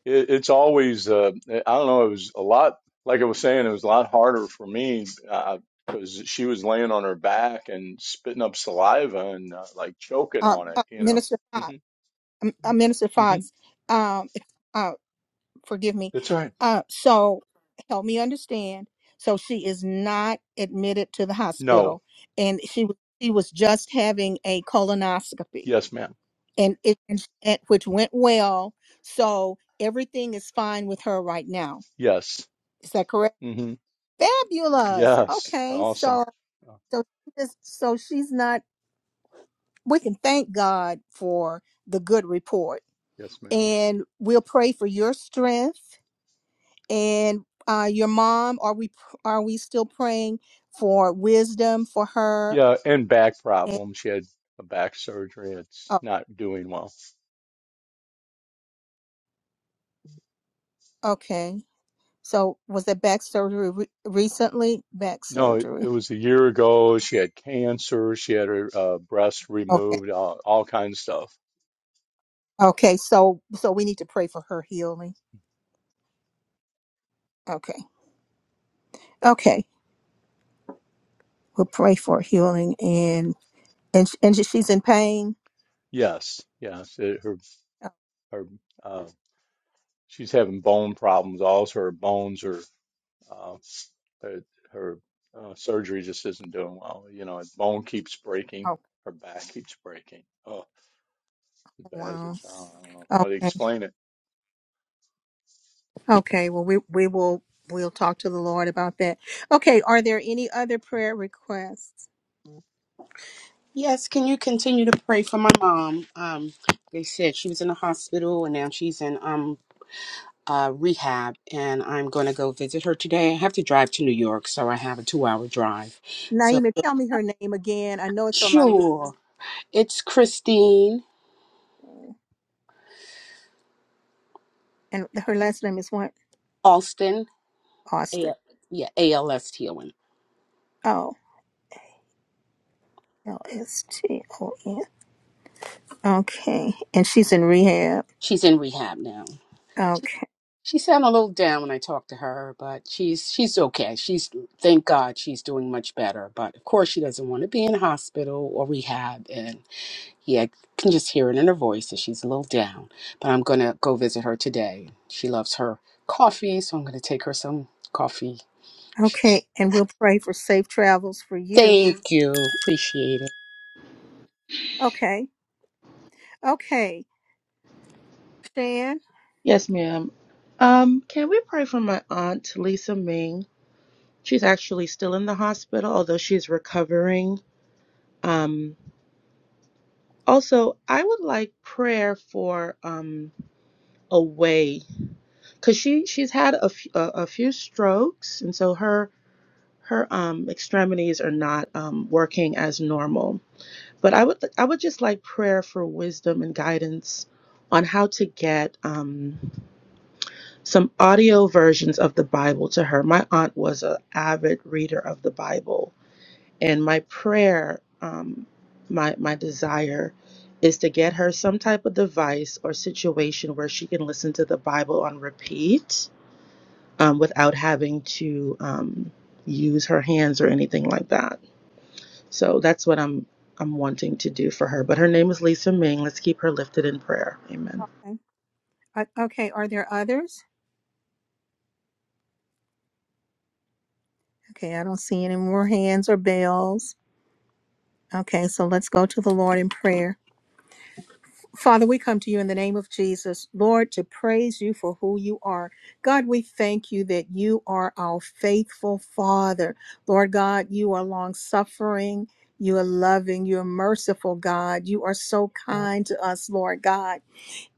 S17: it, it's always uh, I don't know. It was a lot, like I was saying, it was a lot harder for me uh 'cause because she was laying on her back and spitting up saliva and uh, like choking
S1: uh,
S17: on
S1: uh,
S17: it, you know.
S1: Minister Fox.
S17: hmm
S1: um, Uh, Minister
S17: hmm
S1: Fox. Um, [LAUGHS] uh, forgive me.
S17: That's right.
S1: Uh, so help me understand. So she is not admitted to the
S17: No.
S1: hospital, and she was she was just having a colonoscopy.
S17: Yes, ma'am.
S1: and it and and- which went well. So everything is fine with her right now.
S17: Yes.
S1: Is that correct?
S17: Mm-hmm.
S1: Fabulous.
S17: Yes,
S1: Okay,
S17: awesome.
S1: so
S17: Uh,
S1: so she is- so she's not. We can thank God for the good report,
S17: Yes, ma'am.
S1: and we'll pray for your strength and uh, your mom. Are we pr- are we still praying for wisdom for her?
S17: Yeah, and back
S1: And
S17: problems. She had a back surgery. It's
S1: oh,
S17: not doing well.
S1: okay. So was that back surgery re- recently? Back
S17: No, it, it
S1: surgery.
S17: was a year ago. She had cancer. She had her uh, breast
S1: okay.
S17: removed. All, all kinds of stuff.
S1: Okay, so so we need to pray for her healing. Okay, okay, we'll pray for healing and and sh- and she's in pain.
S17: Yes, yes. It, her
S1: Oh,
S17: her uh, she's having bone problems. Also, her bones are uh, her, her uh, surgery just isn't doing well. You know, her bone keeps breaking.
S1: oh,
S17: Her back keeps breaking. Oh, as bad as
S1: wow.
S17: it sounds. I don't know how to
S1: Okay,
S17: explain it
S1: okay. Well, we we will we'll talk to the Lord about that. Okay, are there any other prayer requests?
S7: Yes, can you continue to pray for my mom? Um, they said she was in the hospital and now she's in um uh rehab and I'm going to go visit her today. I have to drive to New York, so I have a 2-hour drive. So
S1: Naima, tell me her name again. I know it's on my list.
S7: sure. It's Christine
S1: And her last name is what?
S7: Alston. A-
S1: Austin.
S7: yeah, ALS healing.
S1: Oh, L S T O N. Okay. And she's in rehab.
S7: She's in rehab now.
S1: Okay.
S7: She sounded a little down when I talked to her, but she's she's okay. She's thank God she's doing much better. But of course she doesn't want to be in hospital or rehab and Yeah, I can just hear it in her voice that she's a little down. But I'm going to go visit her today. She loves her coffee, so I'm going to take her some coffee.
S1: Okay. And we'll pray for safe travels for you.
S7: Thank you. Appreciate it.
S1: Okay. Okay. Shan.
S11: Yes, ma'am. Um, can we pray for my aunt, Lisa Ming? She's actually still in the hospital, although she's recovering. Um, Also, I would like prayer for um a way because she she's had a, f- a a few strokes, and so her her um extremities are not um working as normal. But I would I would just like prayer for wisdom and guidance on how to get um some audio versions of the Bible to her. My aunt was an avid reader of the Bible, And my prayer, um, my my desire, is to get her some type of device or situation where she can listen to the Bible on repeat um, without having to um, use her hands or anything like that. So that's what I'm I'm wanting to do for her. But her name is Lisa Ming. Let's keep her lifted in prayer. Amen.
S1: Uh, Okay, are there others? Okay, I don't see any more hands or bells. Okay, so let's go to the Lord in prayer. Father, we come to you in the name of Jesus, Lord, to praise you for who you are. God, we thank you that you are our faithful Father. Lord God, you are long suffering. You are loving. You are merciful, God. You are so kind to us, Lord God.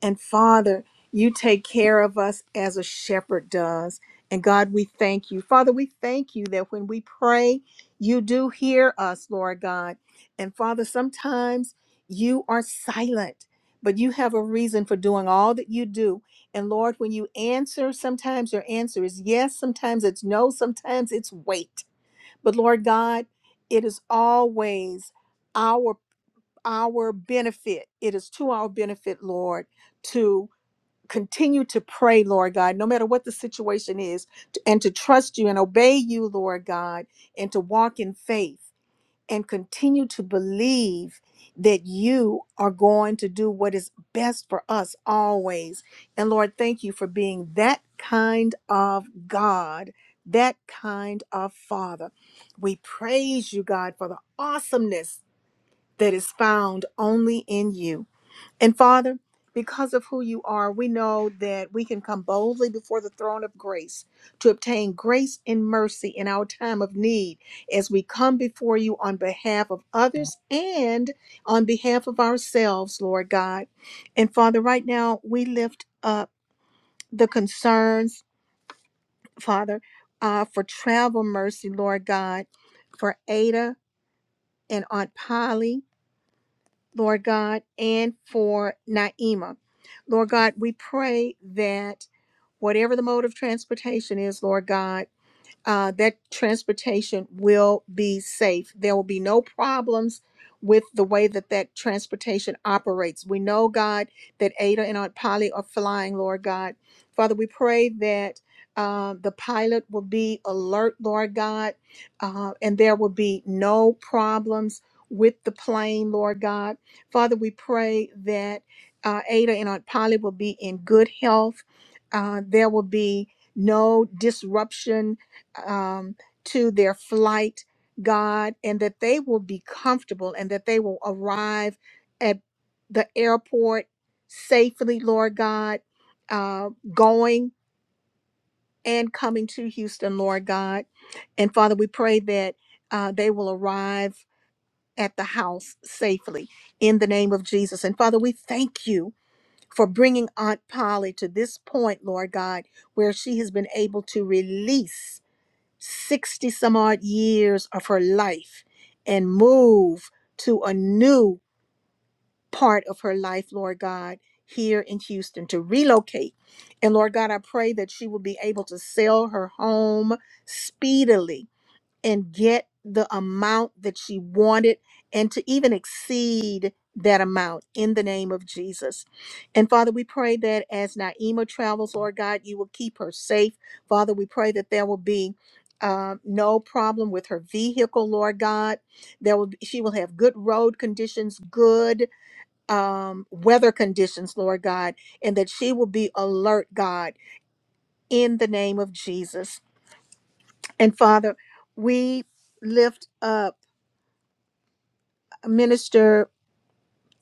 S1: And Father, you take care of us as a shepherd does. And God, we thank you. Father, we thank you that when we pray, you do hear us, Lord God. And Father, sometimes you are silent, but you have a reason for doing all that you do. And Lord, when you answer, sometimes your answer is yes, sometimes it's no, sometimes it's wait. But Lord God, it is always our our benefit. It is to our benefit, Lord, to continue to pray, Lord God, no matter what the situation is, t- and to trust you and obey you, Lord God, and to walk in faith and continue to believe that you are going to do what is best for us always. And Lord, thank you for being that kind of God, that kind of Father. We praise you, God, for the awesomeness that is found only in you. And Father, because of who you are, we know that we can come boldly before the throne of grace to obtain grace and mercy in our time of need as we come before you on behalf of others and on behalf of ourselves, Lord God. And Father, right now we lift up the concerns, Father, uh, for travel mercy, Lord God, for Ada and Aunt Polly. Lord God, and for Naima. Lord God, we pray that whatever the mode of transportation is, Lord God, uh, that transportation will be safe. There will be no problems with the way that that transportation operates. We know, God, that Ada and Aunt Polly are flying, Lord God. Father, we pray that uh, the pilot will be alert, Lord God, uh, and there will be no problems with the plane, Lord God. Father, we pray that uh, Ada and Aunt Polly will be in good health. Uh, there will be no disruption um, to their flight, God, and that they will be comfortable and that they will arrive at the airport safely, Lord God, uh, going and coming to Houston, Lord God. And Father, we pray that uh, they will arrive at the house safely in the name of Jesus. And Father, we thank you. For bringing Aunt Polly to this point, Lord God, where she has been able to release 60 some odd years of her life and move to a new part of her life, Lord God, here in Houston to relocate. And Lord God, I pray that she will be able to sell her home speedily and get the amount that she wanted and to even exceed that amount in the name of Jesus. And Father, we pray that as Naima travels, Lord God, you will keep her safe. Father, we pray that there will be uh, no problem with her vehicle, Lord God. There will be, she will have good road conditions, good um, weather conditions, Lord God, and that she will be alert, God, in the name of Jesus. And Father, we lift up. Minister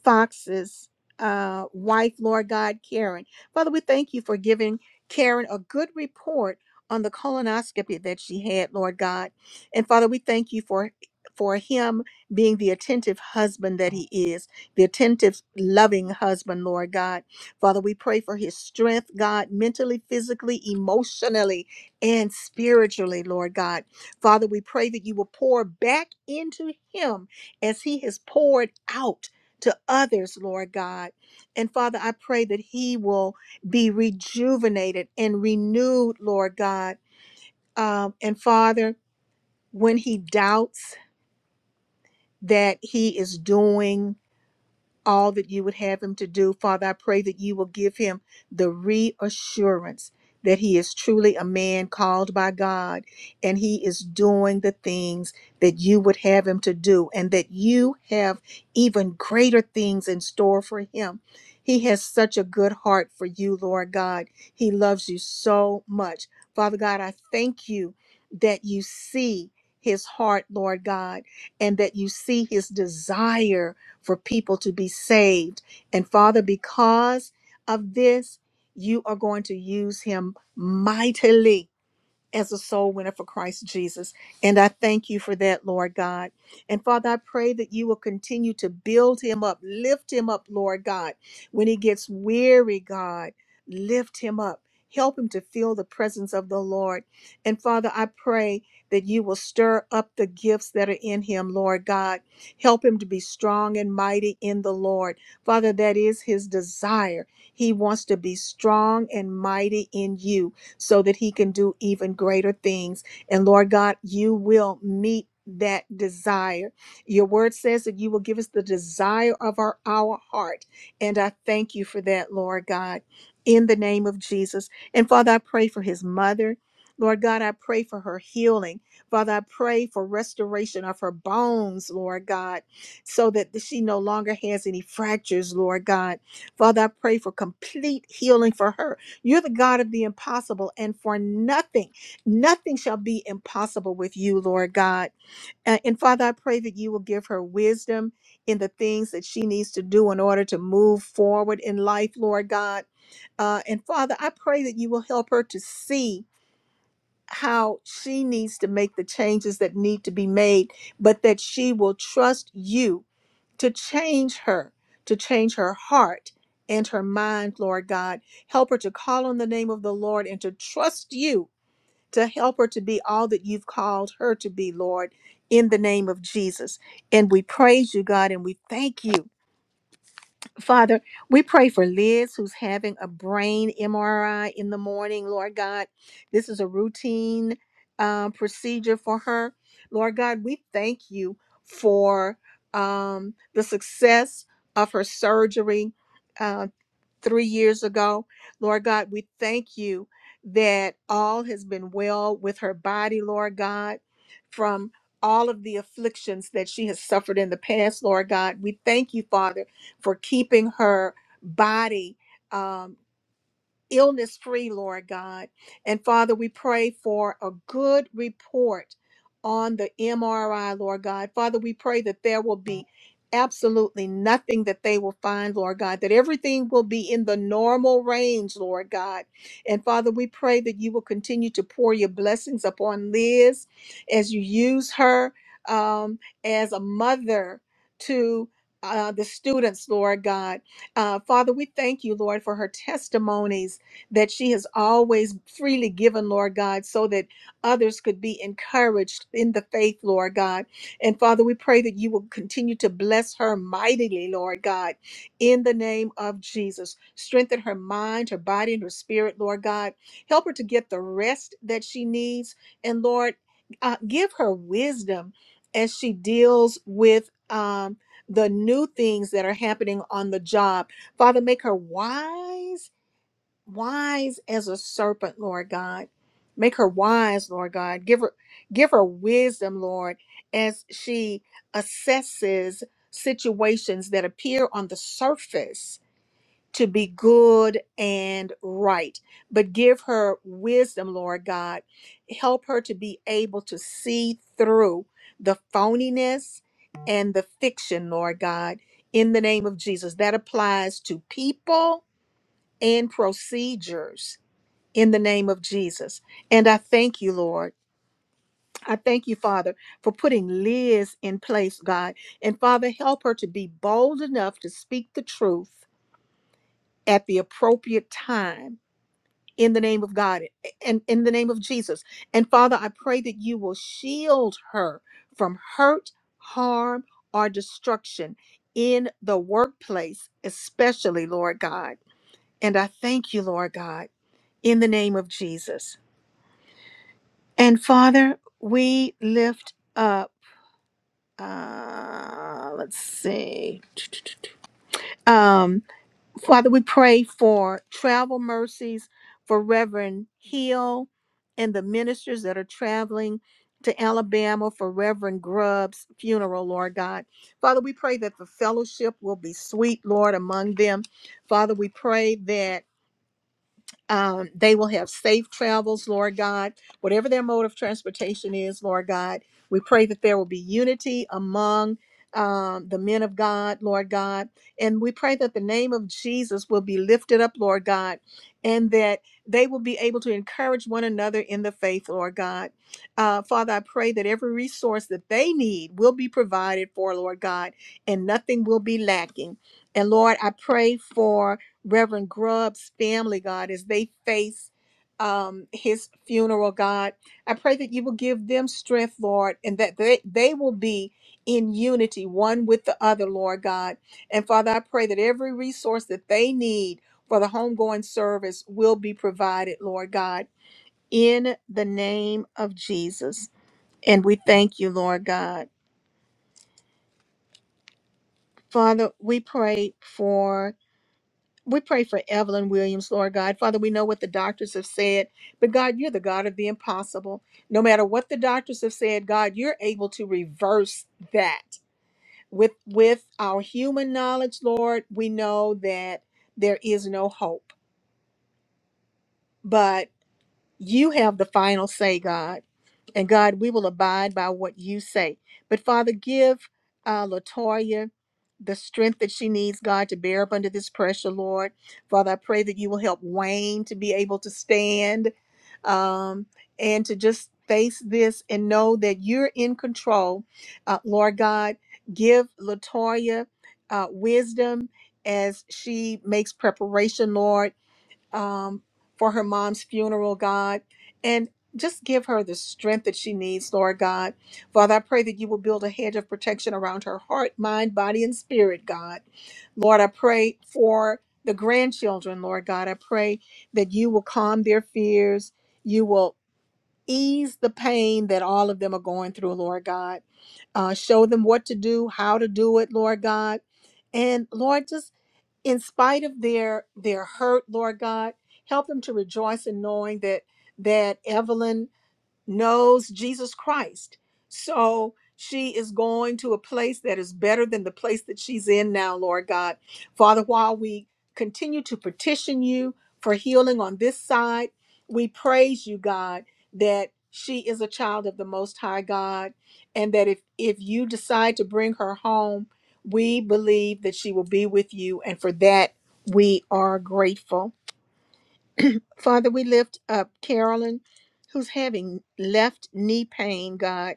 S1: Fox's uh, wife, Lord God, Karen. Father, we thank you for giving Karen a good report on the colonoscopy that she had, Lord God. And Father, we thank you for for him being the attentive husband that he is, the attentive, loving husband, Lord God. Father, we pray for his strength, God, mentally, physically, emotionally, and spiritually, Lord God. Father, we pray that you will pour back into him as he has poured out to others, Lord God. And Father, I pray that he will be rejuvenated and renewed, Lord God. Um, and Father, when he doubts that he is doing, all that you would have him to do. Father, I pray that you will give him the reassurance that he is truly a man called by God and he is doing the things that you would have him to do and that you have even greater things in store for him. He has such a good heart for you, Lord God. He loves you so much. Father God, I thank you that you see his heart, Lord God, and that you see his desire for people to be saved. And Father, because of this, you are going to use him mightily as a soul winner for Christ Jesus. And I thank you for that, Lord God. And Father, I pray that you will continue to build him up, lift him up, Lord God. When he gets weary, God, lift him up. Help him to feel the presence of the Lord. And Father, I pray that you will stir up the gifts that are in him, Lord God. Help him to be strong and mighty in the Lord. Father, that is his desire. He wants to be strong and mighty in you so that he can do even greater things. And Lord God, you will meet that desire. Your word says that you will give us the desire of our, our heart. And I thank you for that, Lord God, in the name of Jesus. And Father, I pray for his mother. Lord God, I pray for her healing. Father, I pray for restoration of her bones, Lord God, so that she no longer has any fractures, Lord God. Father, I pray for complete healing for her you're the God of the impossible, and for nothing, nothing shall be impossible with you, Lord God. And, and Father, I pray that you will give her wisdom in the things that she needs to do in order to move forward in life, Lord God. Uh, and Father, I pray that you will help her to see how she needs to make the changes that need to be made, but that she will trust you to change her, to change her heart and her mind, Lord God. Help her to call on the name of the Lord and to trust you to help her to be all that you've called her to be, Lord, in the name of Jesus. And we praise you, God, and we thank you. Father, we pray for Liz, who's having a brain MRI in the morning, Lord God. This is a routine uh, procedure for her. Lord God, we thank you for um, the success of her surgery uh, three years ago. Lord God, we thank you that all has been well with her body, Lord God, from all of the afflictions that she has suffered in the past, Lord God. We thank you, Father for keeping her body um, illness free, Lord God. And Father, we pray for a good report on the MRI, Lord God. Father, we pray that there will be absolutely nothing that they will find, Lord God, that everything will be in the normal range, Lord God. And Father, we pray that you will continue to pour your blessings upon Liz as you use her um, as a mother to uh, the students, Lord God. Uh, Father, we thank you, Lord, for her testimonies that she has always freely given, Lord God, so that others could be encouraged in the faith, Lord God. And Father, we pray that you will continue to bless her mightily, Lord God, in the name of Jesus. Strengthen her mind, her body, and her spirit, Lord God. Help her to get the rest that she needs. And Lord, uh, give her wisdom as she deals with um, the new things that are happening on the job. Father, make her wise wise as a serpent, Lord God. Make her wise, Lord God. Give her give her wisdom, Lord, as she assesses situations that appear on the surface to be good and right. But give her wisdom, Lord God. Help her to be able to see through the phoniness and the fiction, Lord God, in the name of Jesus. That applies to people and procedures in the name of Jesus. And I thank you, Lord. I thank you, Father, for putting Liz in place, God. And Father, help her to be bold enough to speak the truth at the appropriate time in the name of God and in the name of Jesus. And Father, I pray that you will shield her from hurt, harm, or destruction in the workplace, especially, Lord God. And I thank you, Lord God, in the name of Jesus. And Father, we lift up, uh, let's see. Um, Father, we pray for travel mercies for Reverend Hill and the ministers that are traveling to Alabama for Reverend Grubb's funeral, Lord God. Father, we pray that the fellowship will be sweet, Lord, among them. Father, we pray that um, they will have safe travels, Lord God. Whatever their mode of transportation is, Lord God, we pray that there will be unity among um, the men of God, Lord God. And we pray that the name of Jesus will be lifted up, Lord God, and that they will be able to encourage one another in the faith, Lord God. Uh, Father, I pray that every resource that they need will be provided for, Lord God, and nothing will be lacking. And Lord, I pray for Reverend Grubb's family, God, as they face um, his funeral, God. I pray that you will give them strength, Lord, and that they, they will be in unity, one with the other, Lord God. And Father, I pray that every resource that they need for the homegoing service will be provided, Lord God, in the name of Jesus. And we thank you, Lord God. Father, we pray for We pray for Evelyn Williams, Lord God. Father, we know what the doctors have said, but God, you're the God of the impossible. No matter what the doctors have said, God, you're able to reverse that. With with our human knowledge, Lord, we know that there is no hope. But you have the final say, God. And God, we will abide by what you say. But Father, give uh, Latoya the strength that she needs, God, to bear up under this pressure, Lord. Father, I pray that you will help Wayne to be able to stand um, and to just face this and know that you're in control. Uh, Lord God, give Latoya uh, wisdom as she makes preparation, Lord um, for her mom's funeral, God. And just give her the strength that she needs, Lord God. Father, I pray that you will build a hedge of protection around her heart, mind, body, and spirit, God. Lord, I pray for the grandchildren, Lord God. I pray that you will calm their fears. You will ease the pain that all of them are going through, Lord God. Uh, show them what to do, how to do it, Lord God. And Lord, just in spite of their their hurt lord god help them to rejoice in knowing that that evelyn knows Jesus Christ. So she is going to a place that is better than the place that she's in now, Lord God. Father, while we continue to petition you for healing on this side, we praise you, God, that she is a child of the Most High God, and that if, if you decide to bring her home, we believe that she will be with you. And for that, we are grateful. Father, we lift up Carolyn, who's having left knee pain, God.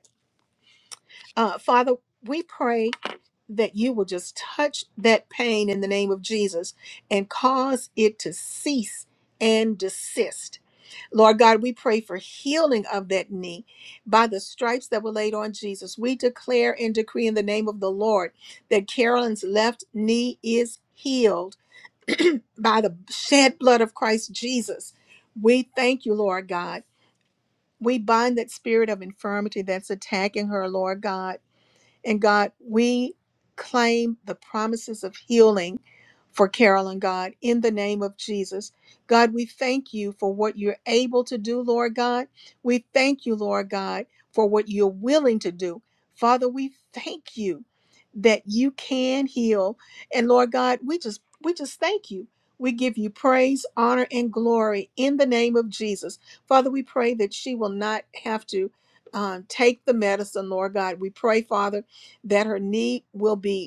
S1: Uh, Father, we pray that you will just touch that pain in the name of Jesus and cause it to cease and desist. Lord God, we pray for healing of that knee by the stripes that were laid on Jesus. We declare and decree in the name of the Lord that Carolyn's left knee is healed [CLEARS THROAT] by the shed blood of Christ Jesus. We thank you, Lord God. We bind that spirit of infirmity that's attacking her, Lord God. And God, we claim the promises of healing for Carolyn, God, in the name of Jesus. God, we thank you for what you're able to do, Lord God. We thank you, Lord God, for what you're willing to do. Father, we thank you that you can heal. And Lord God, we just we just thank you. We give you praise, honor, and glory in the name of Jesus. Father, we pray that she will not have to um, take the medicine, Lord God. We pray, Father, that her knee will be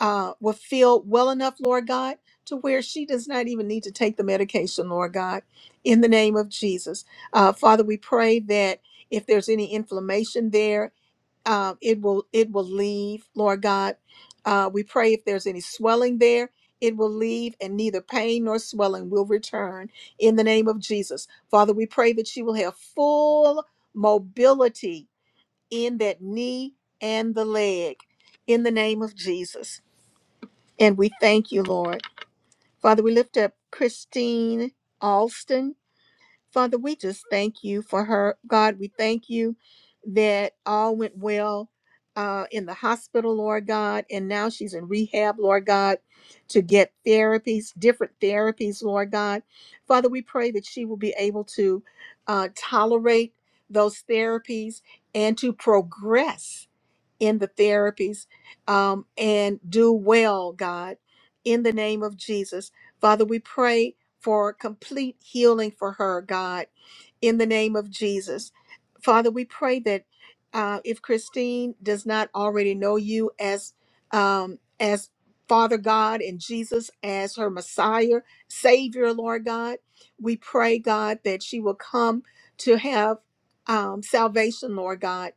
S1: uh, will feel well enough, Lord God, to where she does not even need to take the medication, Lord God, in the name of Jesus. Uh, Father, we pray that if there's any inflammation there, uh, it will it will leave, Lord God. Uh, we pray if there's any swelling there, it will leave, and neither pain nor swelling will return in the name of Jesus. Father, we pray that she will have full mobility in that knee and the leg in the name of Jesus. And we thank you, Lord. Father, we lift up Christine Alston. Father, we just thank you for her. God, we thank you that all went well uh, in the hospital, Lord God, and now she's in rehab, Lord God, to get therapies, different therapies, Lord God. Father, we pray that she will be able to uh, tolerate those therapies and to progress in the therapies um, and do well, God, in the name of Jesus. Father, we pray for complete healing for her, God, in the name of Jesus. Father, we pray that uh, if Christine does not already know you as um, as Father God and Jesus as her Messiah, Savior, Lord God, we pray, God, that she will come to have um, salvation, Lord God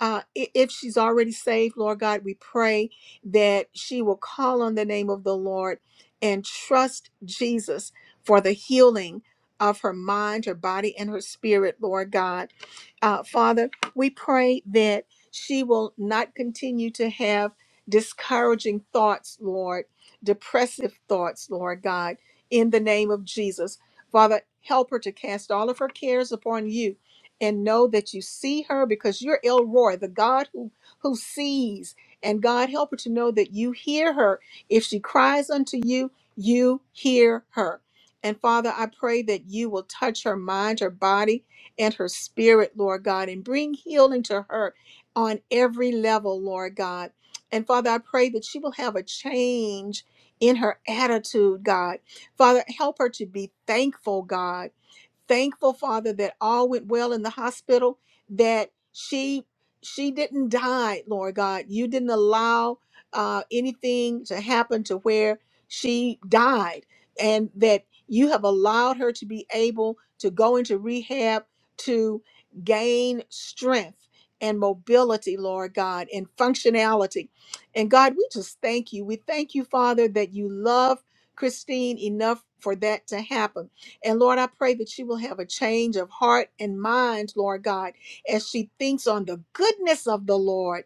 S1: uh, i- if she's already saved, Lord God, we pray that she will call on the name of the Lord and trust Jesus for the healing of her mind, her body, and her spirit, Lord God. Uh, Father, we pray that she will not continue to have discouraging thoughts, Lord, depressive thoughts, Lord God, in the name of Jesus. Father, help her to cast all of her cares upon you and know that you see her because you're El Roy, the God who, who sees. And God, help her to know that you hear her. If she cries unto you, you hear her. And Father, I pray that you will touch her mind, her body, and her spirit, Lord God, and bring healing to her on every level, Lord God. And Father, I pray that she will have a change in her attitude, God. Father, help her to be thankful, God Thankful, Father, that all went well in the hospital, that she she didn't die, Lord God. You didn't allow uh, anything to happen to where she died, and that you have allowed her to be able to go into rehab to gain strength and mobility, Lord God, and functionality. And God, we just thank you. We thank you, Father, that you love Christine enough for that to happen. And Lord, I pray that she will have a change of heart and mind, Lord God, as she thinks on the goodness of the Lord.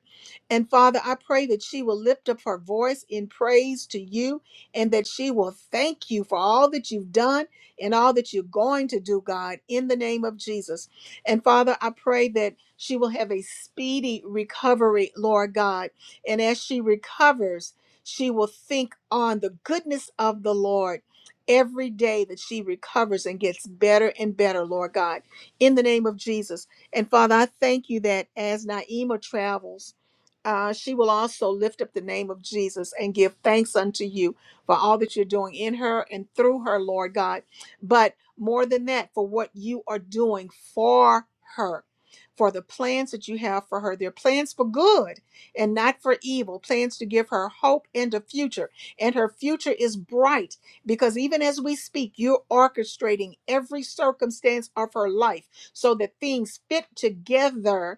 S1: And Father, I pray that she will lift up her voice in praise to you and that she will thank you for all that you've done and all that you're going to do, God, in the name of Jesus. And Father, I pray that she will have a speedy recovery, Lord God. And as she recovers, she will think on the goodness of the Lord every day that she recovers and gets better and better, Lord God, in the name of Jesus. And Father, I thank you that as Naima travels, uh, she will also lift up the name of Jesus and give thanks unto you for all that you're doing in her and through her, Lord God. But more than that, for what you are doing for her, for the plans that you have for her. They're plans for good and not for evil, plans to give her hope and a future. And her future is bright because even as we speak, you're orchestrating every circumstance of her life so that things fit together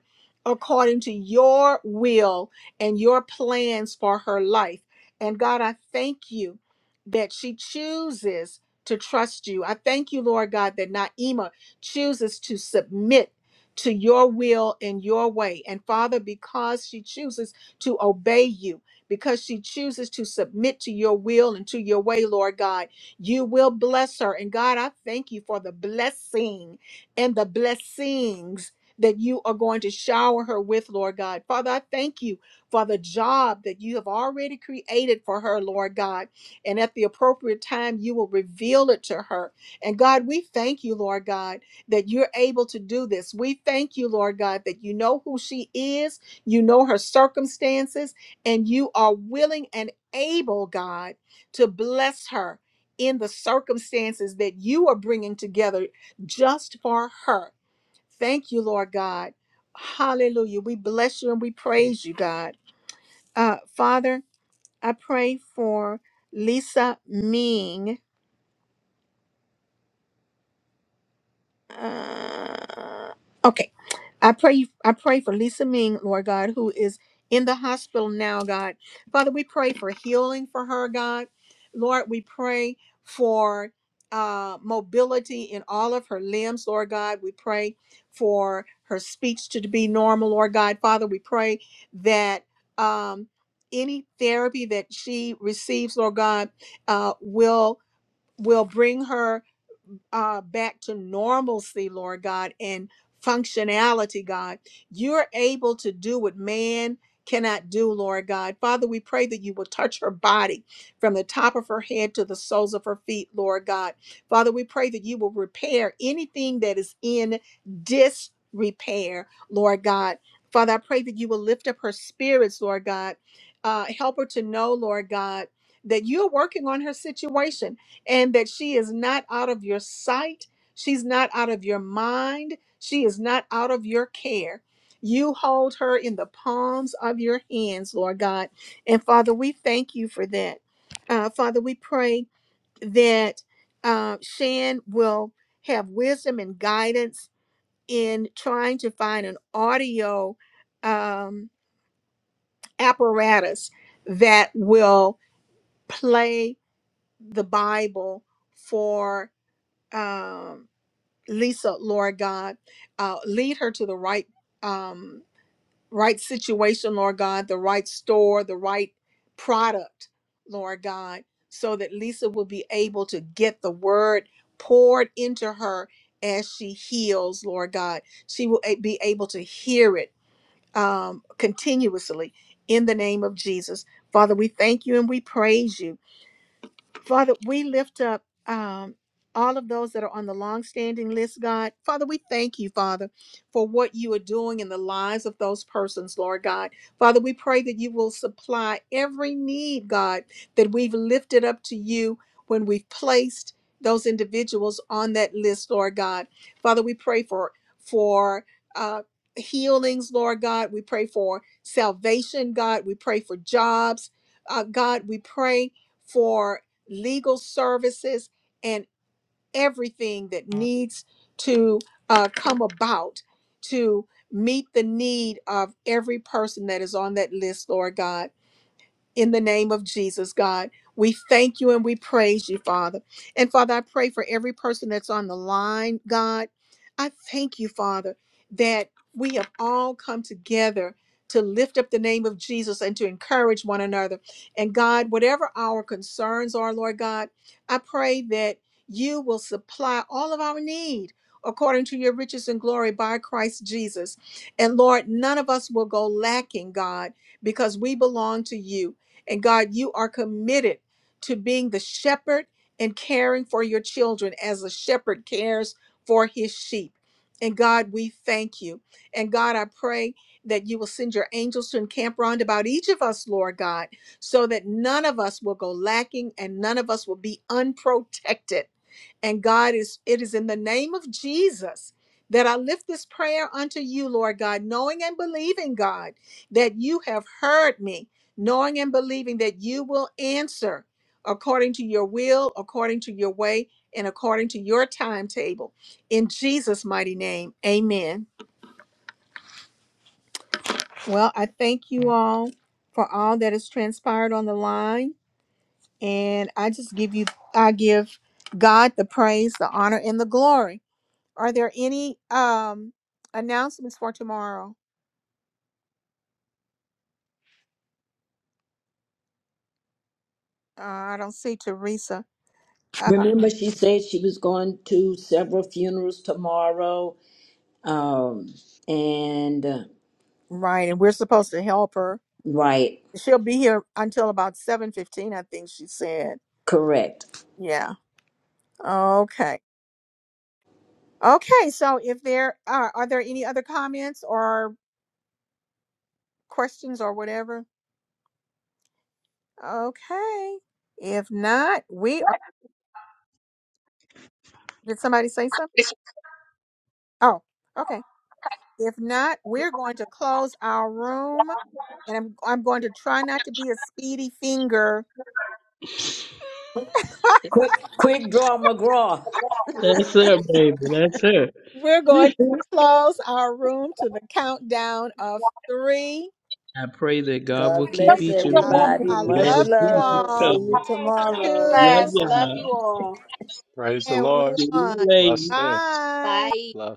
S1: according to your will and your plans for her life. And God, I thank you that she chooses to trust you. I thank you, Lord God, that Naima chooses to submit to your will and your way. And Father, because she chooses to obey you, because she chooses to submit to your will and to your way, Lord God, you will bless her. And God, I thank you for the blessing and the blessings that you are going to shower her with, Lord God. Father, I thank you for the job that you have already created for her, Lord God. And at the appropriate time, you will reveal it to her. And God, we thank you, Lord God, that you're able to do this. We thank you, Lord God, that you know who she is, you know her circumstances, and you are willing and able, God, to bless her in the circumstances that you are bringing together just for her. Thank you, Lord God. Hallelujah. We bless you and we praise you, God. Uh, Father, I pray for Lisa Ming. Uh, okay. I pray I pray for Lisa Ming, Lord God, who is in the hospital now, God. Father, we pray for healing for her, God. Lord, we pray for uh, mobility in all of her limbs, Lord God. We pray for her speech to be normal, Lord God. Father, we pray that um, any therapy that she receives, Lord God, uh, will will bring her uh, back to normalcy, Lord God, and functionality, God. You're able to do what man cannot do, Lord God. Father, we pray that you will touch her body from the top of her head to the soles of her feet, Lord God. Father, we pray that you will repair anything that is in disrepair, Lord God. Father, I pray that you will lift up her spirits, Lord God. Uh, help her to know, Lord God, that you're working on her situation and that she is not out of your sight. She's not out of your mind. She is not out of your care. You hold her in the palms of your hands, Lord God. And Father, we thank you for that. Uh, Father, we pray that uh, Shan will have wisdom and guidance in trying to find an audio um, apparatus that will play the Bible for. Um, Lisa, Lord God. Uh, lead her to the right um, right situation, Lord God, the right store, the right product, Lord God, so that Lisa will be able to get the word poured into her as she heals, Lord God. She will a- be able to hear it um, continuously in the name of Jesus. Father, we thank you and we praise you. Father, we lift up um, all of those that are on the long-standing list, God. Father, we thank you, Father, for what you are doing in the lives of those persons, Lord God. Father, we pray that you will supply every need, God, that we've lifted up to you when we've placed those individuals on that list, Lord God. Father, we pray for for uh, healings, Lord God. We pray for salvation, God. We pray for jobs, uh, God. We pray for legal services, and everything that needs to uh, come about to meet the need of every person that is on that list, Lord God in the name of Jesus, God. We thank you and we praise you, Father. And Father, I pray for every person that's on the line, God. I thank you, Father, that we have all come together to lift up the name of Jesus and to encourage one another. And God, whatever our concerns are, Lord God, I pray that you will supply all of our need according to your riches and glory by Christ Jesus. And Lord, none of us will go lacking, God, because we belong to you. And God, you are committed to being the shepherd and caring for your children as a shepherd cares for his sheep. And God, we thank you. And God, I pray that you will send your angels to encamp round about each of us, Lord God, so that none of us will go lacking and none of us will be unprotected and God is, it is in the name of Jesus that I lift this prayer unto you, Lord God, knowing and believing, God, that you have heard me, knowing and believing that you will answer according to your will, according to your way, and according to your timetable. In Jesus' mighty name, amen. Well, I thank you all for all that has transpired on the line. And I just give you, I give God the praise, the honor, and the glory. Are there any um announcements for tomorrow? Uh, I don't see Teresa. Uh,
S10: Remember, she said she was going to several funerals tomorrow. Um, and uh,
S1: right, and we're supposed to help her.
S10: right,
S1: She'll be here until about seven fifteen, I think she said.
S10: correct.
S1: Yeah. Okay. Okay. So, if there are, are there any other comments or questions or whatever? Okay. If not, we are. Did somebody say something? Oh, okay. If not, we're going to close our room, and I'm I'm going to try not to be a speedy finger
S10: Quick, quick draw, McGraw.
S4: That's it, baby. That's it.
S1: We're going
S4: [LAUGHS]
S1: to close our room to the countdown of three.
S4: I pray that God
S10: God
S4: will keep
S10: bless
S4: each of
S1: I,
S4: you.
S6: Gr-
S10: everybody.
S1: I
S4: Let
S10: Much
S1: love you
S4: it
S10: love. See
S1: all.
S4: come.
S10: you
S7: Have a
S10: tomorrow.
S4: Love
S1: Two
S7: blast. Love
S4: y'all.
S7: you all.
S17: Praise the
S1: and
S17: Lord.
S4: See
S1: one.
S4: you later.
S17: Blessed day.
S1: Bye.
S7: Bye.
S17: Blessed.